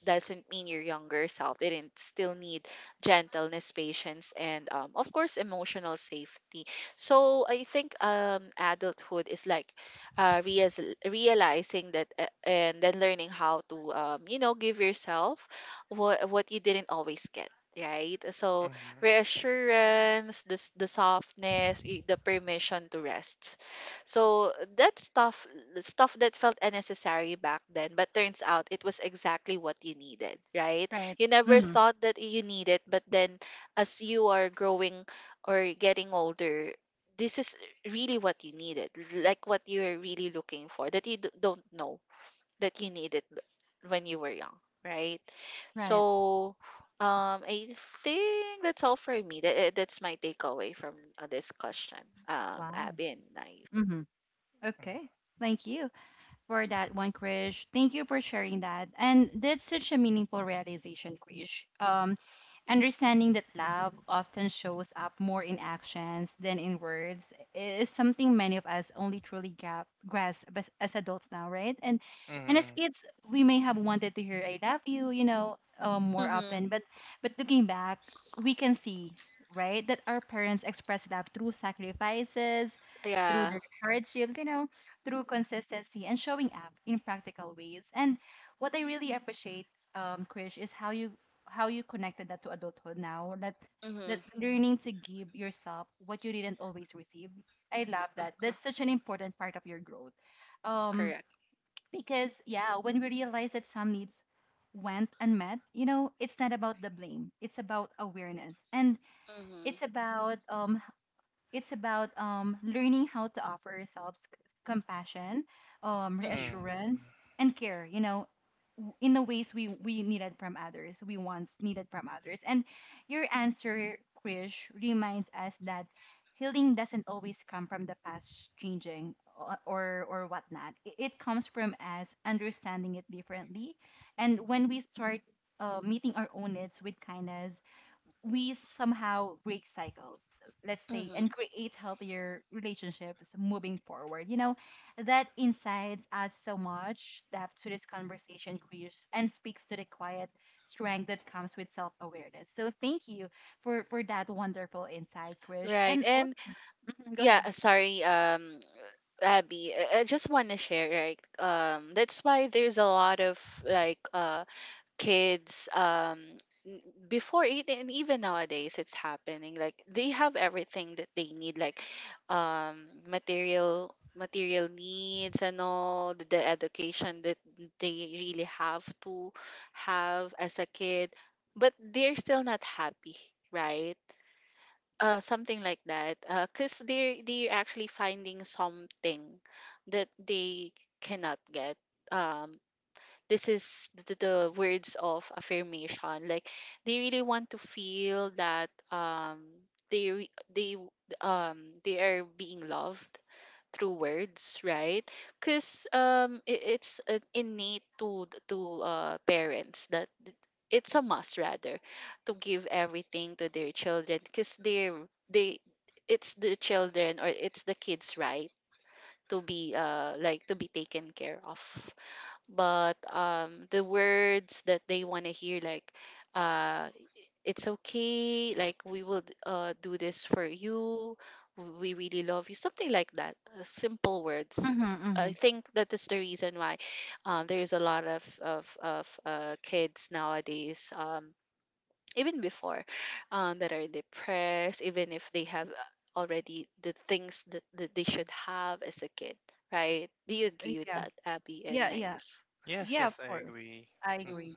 Speaker 2: doesn't mean your younger self didn't still need gentleness, patience, and of course, emotional safety. So I think adulthood is like, realizing that, and then learning how to, you know, give yourself what you didn't always get, right? So
Speaker 3: Mm-hmm.
Speaker 2: reassurance, the softness, the permission to rest, so that stuff, the stuff that felt unnecessary back then but turns out it was exactly what you needed, right?
Speaker 1: right.
Speaker 2: You never
Speaker 1: Mm-hmm.
Speaker 2: thought that you need it, but then as you are growing or getting older, this is really what you needed, like what you were really looking for that you don't know that you needed when you were young, right?
Speaker 1: Right.
Speaker 2: So, I think that's all for me. That that's my takeaway from this question,
Speaker 1: Wow.
Speaker 2: Abby and Naive.
Speaker 1: Hmm. Okay. Thank you for that one, Krish. Thank you for sharing that. And that's such a meaningful realization, Krish. Understanding that love often shows up more in actions than in words is something many of us only truly grasp as adults now, right? And as
Speaker 3: Mm-hmm.
Speaker 1: kids, we may have wanted to hear "I love you," you know, more
Speaker 2: Mm-hmm.
Speaker 1: often. But looking back, we can see, right, that our parents expressed love through sacrifices, through
Speaker 2: Yeah.
Speaker 1: their hardships, you know, through consistency and showing up in practical ways. And what I really appreciate, Krish, is how you connected that to adulthood now. That
Speaker 2: Mm-hmm.
Speaker 1: that learning to give yourself what you didn't always receive. I love
Speaker 2: Of
Speaker 1: that.
Speaker 2: course.
Speaker 1: That's such an important part of your growth. Um,
Speaker 2: Correct.
Speaker 1: because yeah, when we realize that some needs went unmet, you know, it's not about the blame. It's about awareness and
Speaker 2: Mm-hmm.
Speaker 1: it's about um it's about learning how to offer ourselves compassion,
Speaker 2: Mm-hmm.
Speaker 3: Mm.
Speaker 1: reassurance, and care, you know, in the ways we needed from others, we once needed from others. And your answer, Krish, reminds us that healing doesn't always come from the past changing or whatnot. It comes from us understanding it differently. And when we start meeting our own needs with kindness, we somehow break cycles, let's say,
Speaker 2: Mm-hmm.
Speaker 1: and create healthier relationships moving forward. You know, that incites us so much depth to this conversation, Krish, and speaks to the quiet strength that comes with self-awareness. So thank you for that wonderful insight, Krish.
Speaker 2: Right.
Speaker 1: And also,
Speaker 2: And
Speaker 1: mhm, go
Speaker 2: yeah,
Speaker 1: ahead.
Speaker 2: sorry, Abby, I just want to share, right? That's why there's a lot of like kids, n- before it, and even nowadays it's happening, like they have everything that they need, like material needs and all the education that they really have to have as a kid, but they're still not happy, right? Something like that, because they're actually finding something that they cannot get. um this is the words of affirmation, like they really want to feel that they, they are being loved through words, right? Because it, it's innate to parents that it's a must, rather, to give everything to their children because they it's the children, or it's the kids, right, to be like to be taken care of. But the words that they want to hear like, uh it's okay, like we will do this for you, we really love you, something like that, simple words.
Speaker 1: Hmm.
Speaker 2: I
Speaker 1: Hmm.
Speaker 2: think that is the reason why, there is a lot of kids nowadays, even before, that are depressed, even if they have already the things that, that they should have as a kid, right? Do you agree with
Speaker 1: Yeah,
Speaker 2: that, Abby and
Speaker 1: yeah, yeah,
Speaker 2: Naif?
Speaker 3: Yes,
Speaker 1: yeah.
Speaker 3: yes,
Speaker 1: Of
Speaker 3: I
Speaker 1: course,
Speaker 3: agree.
Speaker 1: I
Speaker 2: Mm-hmm.
Speaker 1: agree.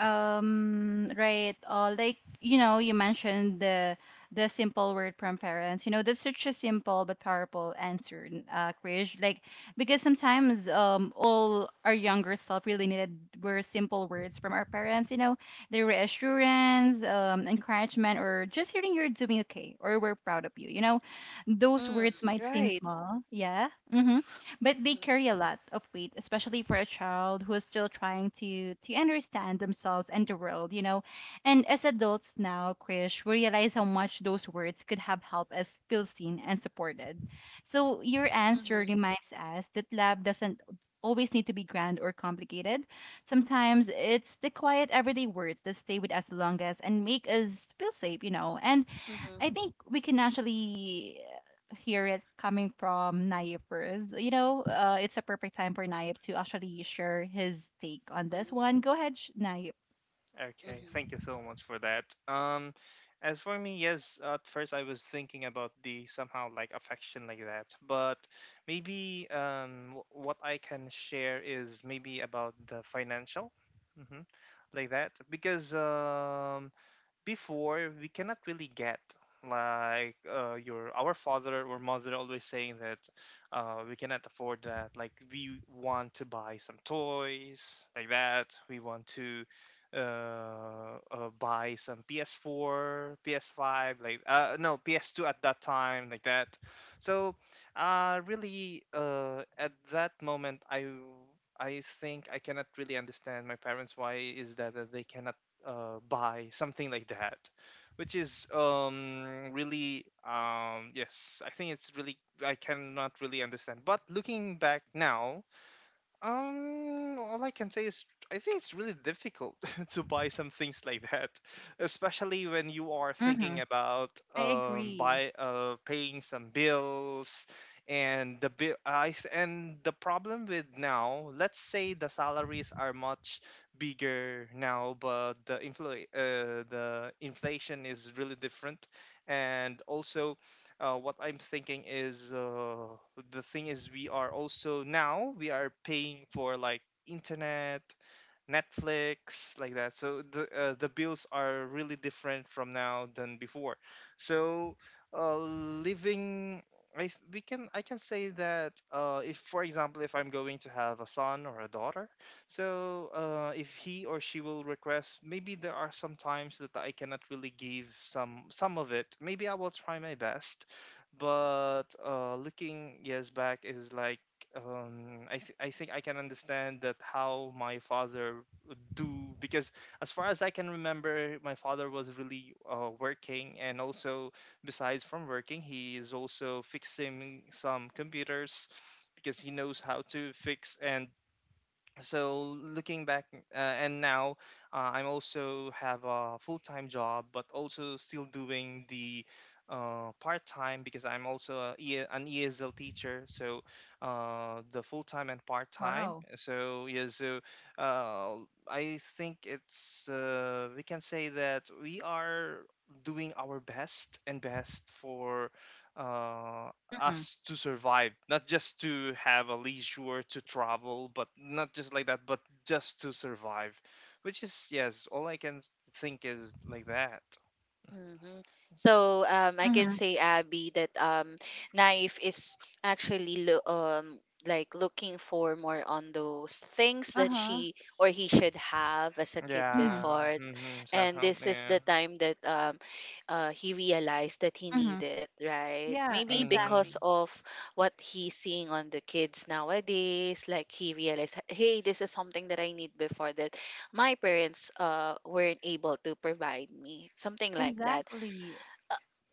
Speaker 1: Right. All, like, you know, you mentioned the simple word from parents. You know, that's such a simple but powerful answer, Krish. Like because sometimes all our younger self really needed were simple words from our parents. You know, the reassurance, encouragement, or just hearing you're doing okay or we're proud of you. You know, those
Speaker 2: Mm,
Speaker 1: words might seem
Speaker 2: right.
Speaker 1: small. Yeah. Mm-hmm, but they
Speaker 2: Mm-hmm.
Speaker 1: carry a lot of weight, especially for a child who is still trying to understand themselves and the world, you know. And as adults now, Krish, we realize how much those words could have helped us feel seen and supported. So your answer
Speaker 2: Mm-hmm.
Speaker 1: reminds us that love doesn't always need to be grand or complicated. Sometimes it's the quiet everyday words that stay with us the longest and make us feel safe, you know. And
Speaker 2: Mm-hmm.
Speaker 1: I think we can actually hear it coming from Naif first. You know, it's a perfect time for Naif to actually share his take on this
Speaker 2: Mm-hmm.
Speaker 1: one. Go ahead, Naif.
Speaker 3: Okay, thank you so much for that. As for me, yes, at first I was thinking about the somehow like affection like that, but maybe what I can share is maybe about the financial, mm-hmm, like that, because before we cannot really get, like, your, our father or mother always saying that we cannot afford that, like we want to buy some toys like that, we want to buy some ps4 ps5 like, no ps2 at that time like that. So really, at that moment, I think I cannot really understand my parents, why is that, that they cannot buy something like that, which is really, yes, I think it's really, I cannot really understand. But looking back now, all I can say is, I think it's really difficult [laughs] to buy some things like that, especially when you are
Speaker 1: Mm-hmm.
Speaker 3: thinking about,
Speaker 1: I agree.
Speaker 3: buy, paying some bills, and the bill, and the problem with now, let's say the salaries are much bigger now, but the infl the inflation is really different. And also, what I'm thinking is, the thing is we are also now we are paying for like internet, Netflix, like that. So the, the bills are really different from now than before. So living, we can, I can say that, if, for example, if I'm going to have a son or a daughter, so if he or she will request, maybe there are some times that I cannot really give some of it. Maybe I will try my best, but looking years back is like, I think I can understand that how my father would do, because as far as I can remember, my father was really working, and also besides from working, he is also fixing some computers, because he knows how to fix. And so looking back, and now I'm also have a full-time job, but also still doing the part-time, because I'm also a, an ESL teacher. So the full-time and part-time,
Speaker 1: Wow.
Speaker 3: so yeah. So uh, I think it's we can say that we are doing our best, and best for uh,
Speaker 1: Mm-hmm.
Speaker 3: us to survive, not just to have a leisure to travel, but not just like that, but just to survive. Which is, yes, all I can think, is like that.
Speaker 2: Mm-hmm. So I can
Speaker 1: Mm-hmm.
Speaker 2: say, Abby, that knife is actually lo like looking for more on those things that
Speaker 1: Uh-huh.
Speaker 2: she or he should have as a kid
Speaker 1: Mm-hmm.
Speaker 3: Yeah,
Speaker 2: before, and
Speaker 3: somehow,
Speaker 2: this is
Speaker 3: yeah.
Speaker 2: the time that he realized that he
Speaker 1: Mm-hmm.
Speaker 2: needed, right?
Speaker 1: Yeah,
Speaker 2: Maybe
Speaker 3: hmm
Speaker 1: exactly.
Speaker 2: because of what he's seeing on the kids nowadays, like he realized, hey, this is something that I need before that my parents weren't able to provide me something like that.
Speaker 1: Exactly.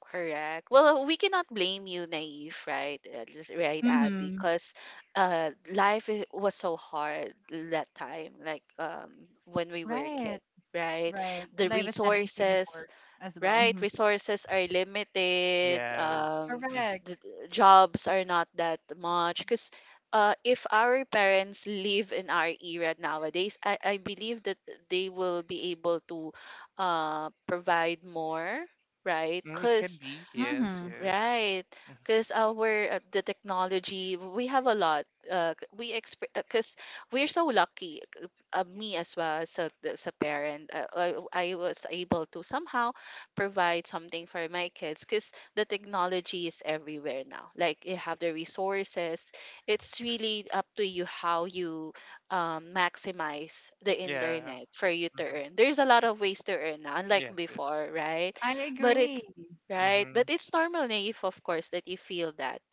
Speaker 2: Correct, well, we cannot blame you, Naive, right? Right, Abby,
Speaker 1: Mm-hmm.
Speaker 2: because life was so hard that time, like when we were a
Speaker 1: Right.
Speaker 2: kid, right?
Speaker 1: Right.
Speaker 2: The
Speaker 1: Life is not easy
Speaker 2: resources,
Speaker 1: before as well.
Speaker 2: right,
Speaker 1: Mhm.
Speaker 2: resources are limited.
Speaker 3: Yes.
Speaker 2: The
Speaker 1: Correct.
Speaker 2: the jobs are not that much. Because if our parents live in our era nowadays, I believe that they will be able to provide more, right?
Speaker 3: It can
Speaker 2: Because,
Speaker 3: be, yes,
Speaker 1: Mm-hmm.
Speaker 3: yes.
Speaker 2: right,
Speaker 3: Mm,
Speaker 2: because our the technology we have a lot. We exp because we're so lucky. Me as well as a parent, I was able to somehow provide something for my kids because the technology is everywhere now. Like you have the resources. It's really up to you how you maximize the
Speaker 3: Yeah.
Speaker 2: internet for you to
Speaker 3: hmm
Speaker 2: earn. There's a lot of ways to earn now, unlike
Speaker 3: Yes, yes.
Speaker 2: before, right?
Speaker 1: I
Speaker 2: but it
Speaker 1: agree.
Speaker 2: Right, but
Speaker 3: hmm
Speaker 2: it's normal, Naive, of course, that you feel that,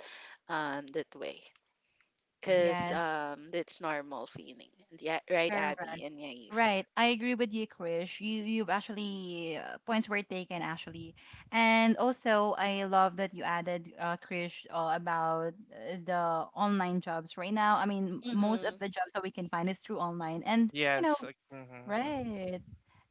Speaker 2: that way,
Speaker 3: Yes,
Speaker 2: because
Speaker 1: Yes,
Speaker 3: yes.
Speaker 2: that's normal feeling. Yeah, right,
Speaker 1: correct.
Speaker 2: Abby and Naive.
Speaker 1: Right, I agree with you, Krish. You you've actually points were taken actually, and also I love that you added, Krish, about the online jobs right now. I mean, most of
Speaker 2: Mm-hmm.
Speaker 1: the jobs that we can find is through online, and you know,
Speaker 3: Yes. Mm-hmm,
Speaker 1: right.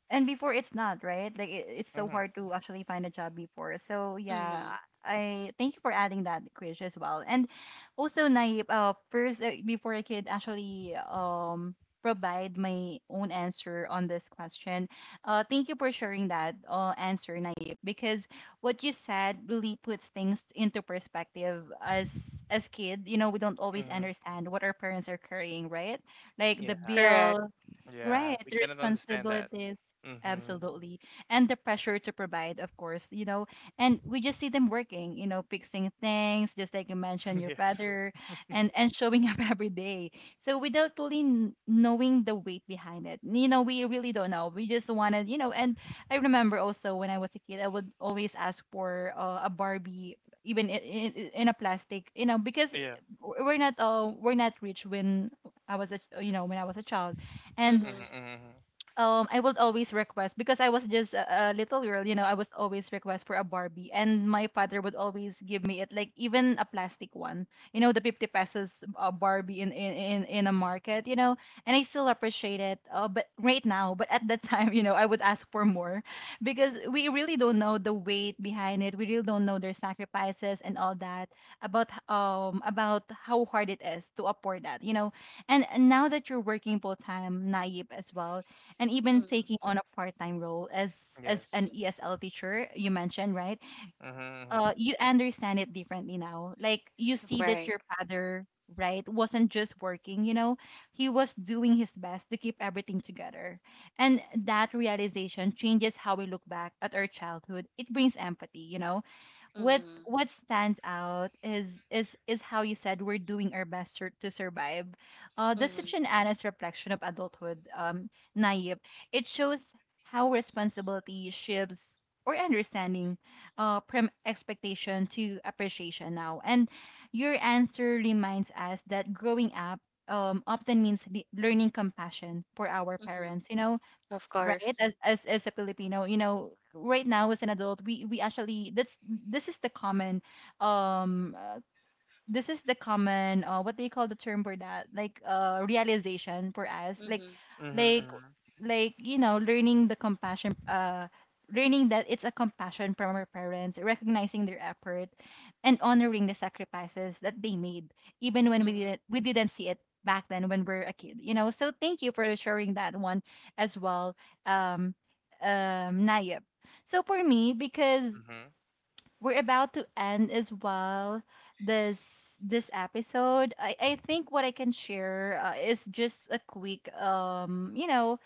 Speaker 1: And before it's not, right? Like it, it's so
Speaker 3: hmm
Speaker 1: hard to actually find a job before. So yeah,
Speaker 2: Mm-hmm.
Speaker 1: I thank you for adding that, Krish, as well. And also, Naip, first, before I could actually provide my own answer on this question, thank you for sharing that answer, Naip, because what you said really puts things into perspective as. As kid, you know, we don't always
Speaker 3: hmm
Speaker 1: understand what our parents are carrying, right? Like the
Speaker 3: yeah,
Speaker 2: Correct.
Speaker 1: bill. Right,
Speaker 3: yeah. We
Speaker 1: the
Speaker 3: cannot understand that.
Speaker 1: responsibilities.
Speaker 3: hmm
Speaker 1: Absolutely. And the pressure to provide, of course, you know, and we just see them working, you know, fixing things, just like you mentioned,
Speaker 3: [laughs]
Speaker 1: your
Speaker 3: Yes.
Speaker 1: father, and showing up [laughs] every day. So without fully knowing the weight behind it, you know, we really don't know. We just wanted, you know. And I remember also when I was a kid, I would always ask for a Barbie, even in a plastic, you know, because
Speaker 3: Yeah.
Speaker 1: we're not rich when I was when I was a child. And
Speaker 2: Mm-hmm.
Speaker 3: Mm-hmm, mm-hmm.
Speaker 1: I would always request because I was just a little girl, you know. I was always request for a Barbie, and my father would always give me it, like even a plastic one. You know, the 50 pesos Barbie in a market, you know, and I still appreciate it. But at that [laughs] time, you know, I would ask for more because we really don't know the weight behind it. We really don't know their sacrifices and all that about how hard it is to afford that, you know. And now that you're working full time, naive as well, and even taking
Speaker 2: Mm-hmm.
Speaker 1: on a part-time role as an
Speaker 3: Yes.
Speaker 1: ESL teacher you mentioned, right?
Speaker 3: Mm-hmm, mm-hmm.
Speaker 1: You understand it differently now. Like you see that
Speaker 2: Right.
Speaker 1: your father, right, wasn't just working, you know, he was doing his best to keep everything together. And that realization changes how we look back at our childhood. It brings empathy, you know. what
Speaker 2: Mm-hmm.
Speaker 1: what stands out is how you said we're doing our best to survive. That's
Speaker 2: Mm-hmm.
Speaker 1: such an honest reflection of adulthood, naive. It shows how responsibility shifts or understanding, from expectation to appreciation now. And your answer reminds us that growing up often means learning compassion for our
Speaker 2: Mm-hmm.
Speaker 1: parents, you know.
Speaker 2: Of
Speaker 1: Right,
Speaker 2: course.
Speaker 1: as a Filipino, you know, right now as an adult, we actually, that's, this is the common um uh, this is the common, what do you call the term for that, like realization for us.
Speaker 2: Mm-hmm.
Speaker 1: Like
Speaker 3: Mm-hmm,
Speaker 1: like, you know, learning the compassion, learning that it's a compassion from our parents, recognizing their effort and honoring the sacrifices that they made, even when we didn't
Speaker 2: Mm-hmm.
Speaker 1: we didn't see it back then when we were a kid, you know. So thank you for sharing that one as well. um Nayib, so for me, because
Speaker 3: mm-hmm.
Speaker 1: we're about to end as well, this this episode. I think what I can share is just a quick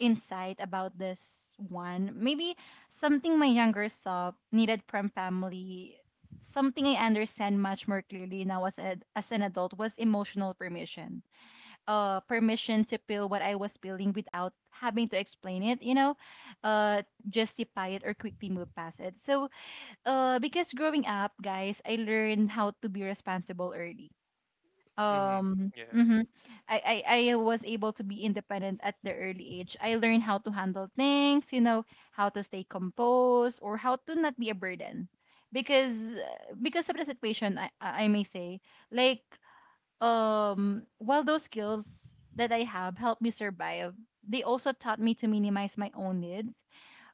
Speaker 1: insight about this one. Maybe something my younger self needed from family. Something I understand much more clearly now as, as an adult, was emotional permission. Permission to feel what I was feeling without having to explain it, you know, uh, justify it or quickly move past it. So, because growing up, guys, I learned how to be responsible early.
Speaker 3: Mm-hmm.
Speaker 1: um
Speaker 3: Yes.
Speaker 1: mhm. I was able to be independent at the early age. I learned how to handle things, you know, how to stay composed or how to not be a burden because of the situation. I may say, like, while those skills that I have helped me survive, they also taught me to minimize my own needs.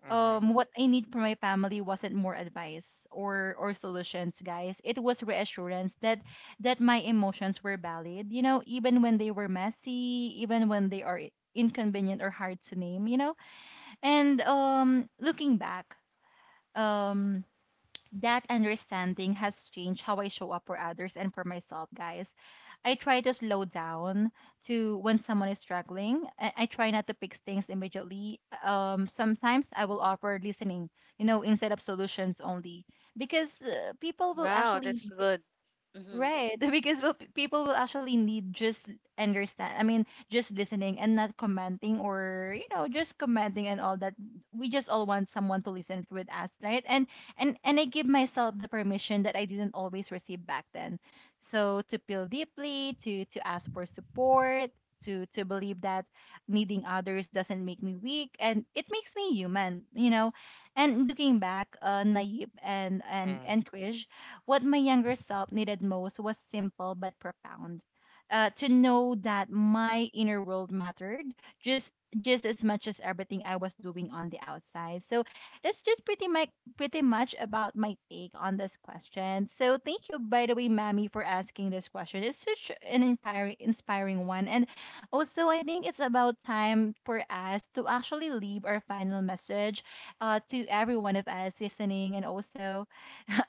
Speaker 3: Mm-hmm.
Speaker 1: What I need from my family wasn't more advice or solutions, guys. It was reassurance that my emotions were valid, you know, even when they were messy, even when they are inconvenient or hard to name, you know. And looking back, um that understanding has changed how I show up for others and for myself, guys. I try to slow down to when someone is struggling. I try not to fix things immediately. Sometimes I will offer listening, you know, instead of solutions only, because people will
Speaker 2: Wow,
Speaker 1: actually.
Speaker 2: that's good. Mm-hmm.
Speaker 1: Right, [laughs] because, well, people will actually need just understand. I mean, just listening and not commenting, or, you know, just commenting and all that. We just all want someone to listen with us, right? And I give myself the permission that I didn't always receive back then. So to feel deeply, to ask for support, to believe that needing others doesn't make me weak, and it makes me human, you know. And looking back, naive and and
Speaker 3: Mm.
Speaker 1: and cringe, what my younger self needed most was simple but profound. To know that my inner world mattered just as much as everything I was doing on the outside. So that's just pretty much about my take on this question. So thank you, by the way, Mammy, for asking this question. It's such an inspiring one. And also, I think it's about time for us to actually leave our final message, to every one of us listening. And also,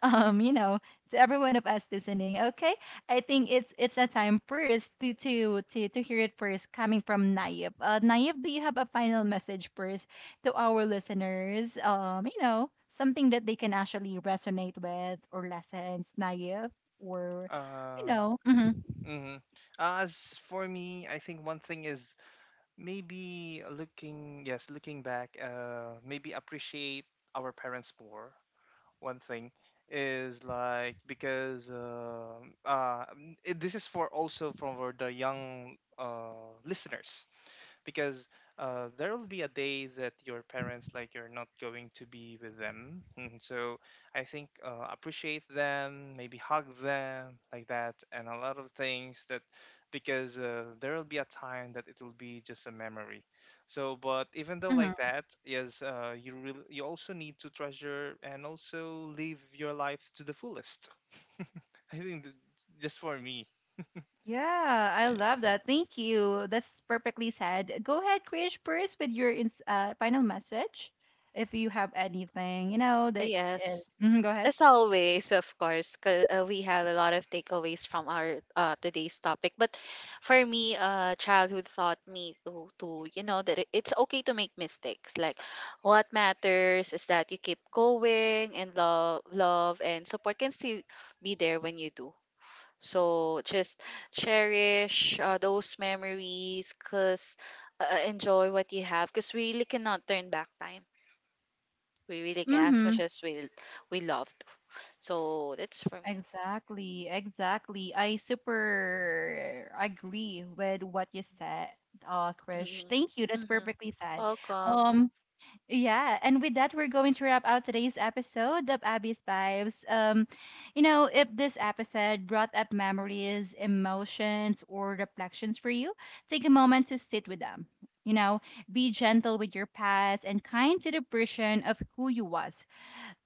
Speaker 1: um you know to everyone of us listening, okay? I think it's a time first to to hear it first coming from Nayib. Nayib, do you have a final message first to our listeners, you know, something that they can actually resonate with, or lessons, Nayib, or, you
Speaker 3: Uh,
Speaker 1: know.
Speaker 3: mm-hmm. As for me, I think one thing is, maybe looking, yes, looking back, maybe appreciate our parents more. One thing is, like, because this is for also for the young listeners. Because there will be a day that your parents, like, you're not going to be with them. And so I think, appreciate them, maybe hug them like that, and a lot of things that, because there will be a time that it will be just a memory. So but even though
Speaker 1: Hmm
Speaker 3: like that, yes, you really, you also need to treasure and also live your life to the fullest. [laughs] I think that just for me.
Speaker 1: yeah, I love
Speaker 3: Yeah.
Speaker 1: that. Thank you, that's perfectly said. Go ahead, Krish, first with your final message if you have anything, you know, that is.
Speaker 2: Yes.
Speaker 1: Mhm, go ahead.
Speaker 2: As always, of course, 'cause, we have a lot of takeaways from our today's topic. But for me, childhood taught me to, you know, that it's okay to make mistakes. Like, what matters is that you keep going, and love, love and support can still be there when you do. So just cherish those memories, 'cause enjoy what you have, 'cause we really cannot turn back time. We really can, as much
Speaker 1: Mm-hmm.
Speaker 2: as we love to. So that's for me.
Speaker 1: Exactly, exactly. I super agree with what you said, Krish.
Speaker 2: [laughs]
Speaker 1: Thank you,
Speaker 2: Mm-hmm.
Speaker 1: that's
Speaker 2: Hmm.
Speaker 1: perfectly said.
Speaker 2: Welcome.
Speaker 1: Um, yeah, and with that, we're going to wrap out today's episode of Abby's Vibes. You know, if this episode brought up memories, emotions, or reflections for you, take a moment to sit with them. You know, be gentle with your past and kind to the version of who you was,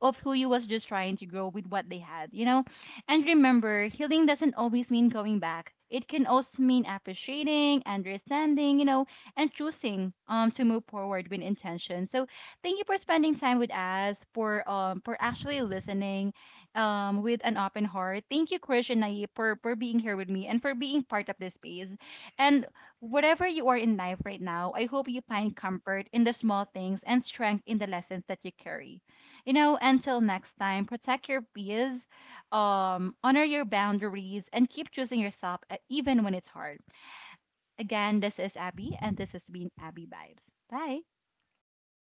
Speaker 1: just trying to grow with what they had, you know? And remember, healing doesn't always mean going back. It can also mean appreciating, understanding, you know, and choosing to move forward with intention. So thank you for spending time with us, for actually listening with an open heart. Thank you, Krish and Nayib, for being here with me and for being part of this space. And whatever you are in life right now, I hope you
Speaker 2: Mhm.
Speaker 1: find comfort in the small things and strength in the lessons that you carry. You know, until next time, protect your peace, honor your boundaries, and keep choosing yourself, even when it's hard. Again, this is Abby, and this has been Abby Vibes. Bye.
Speaker 2: Thank you.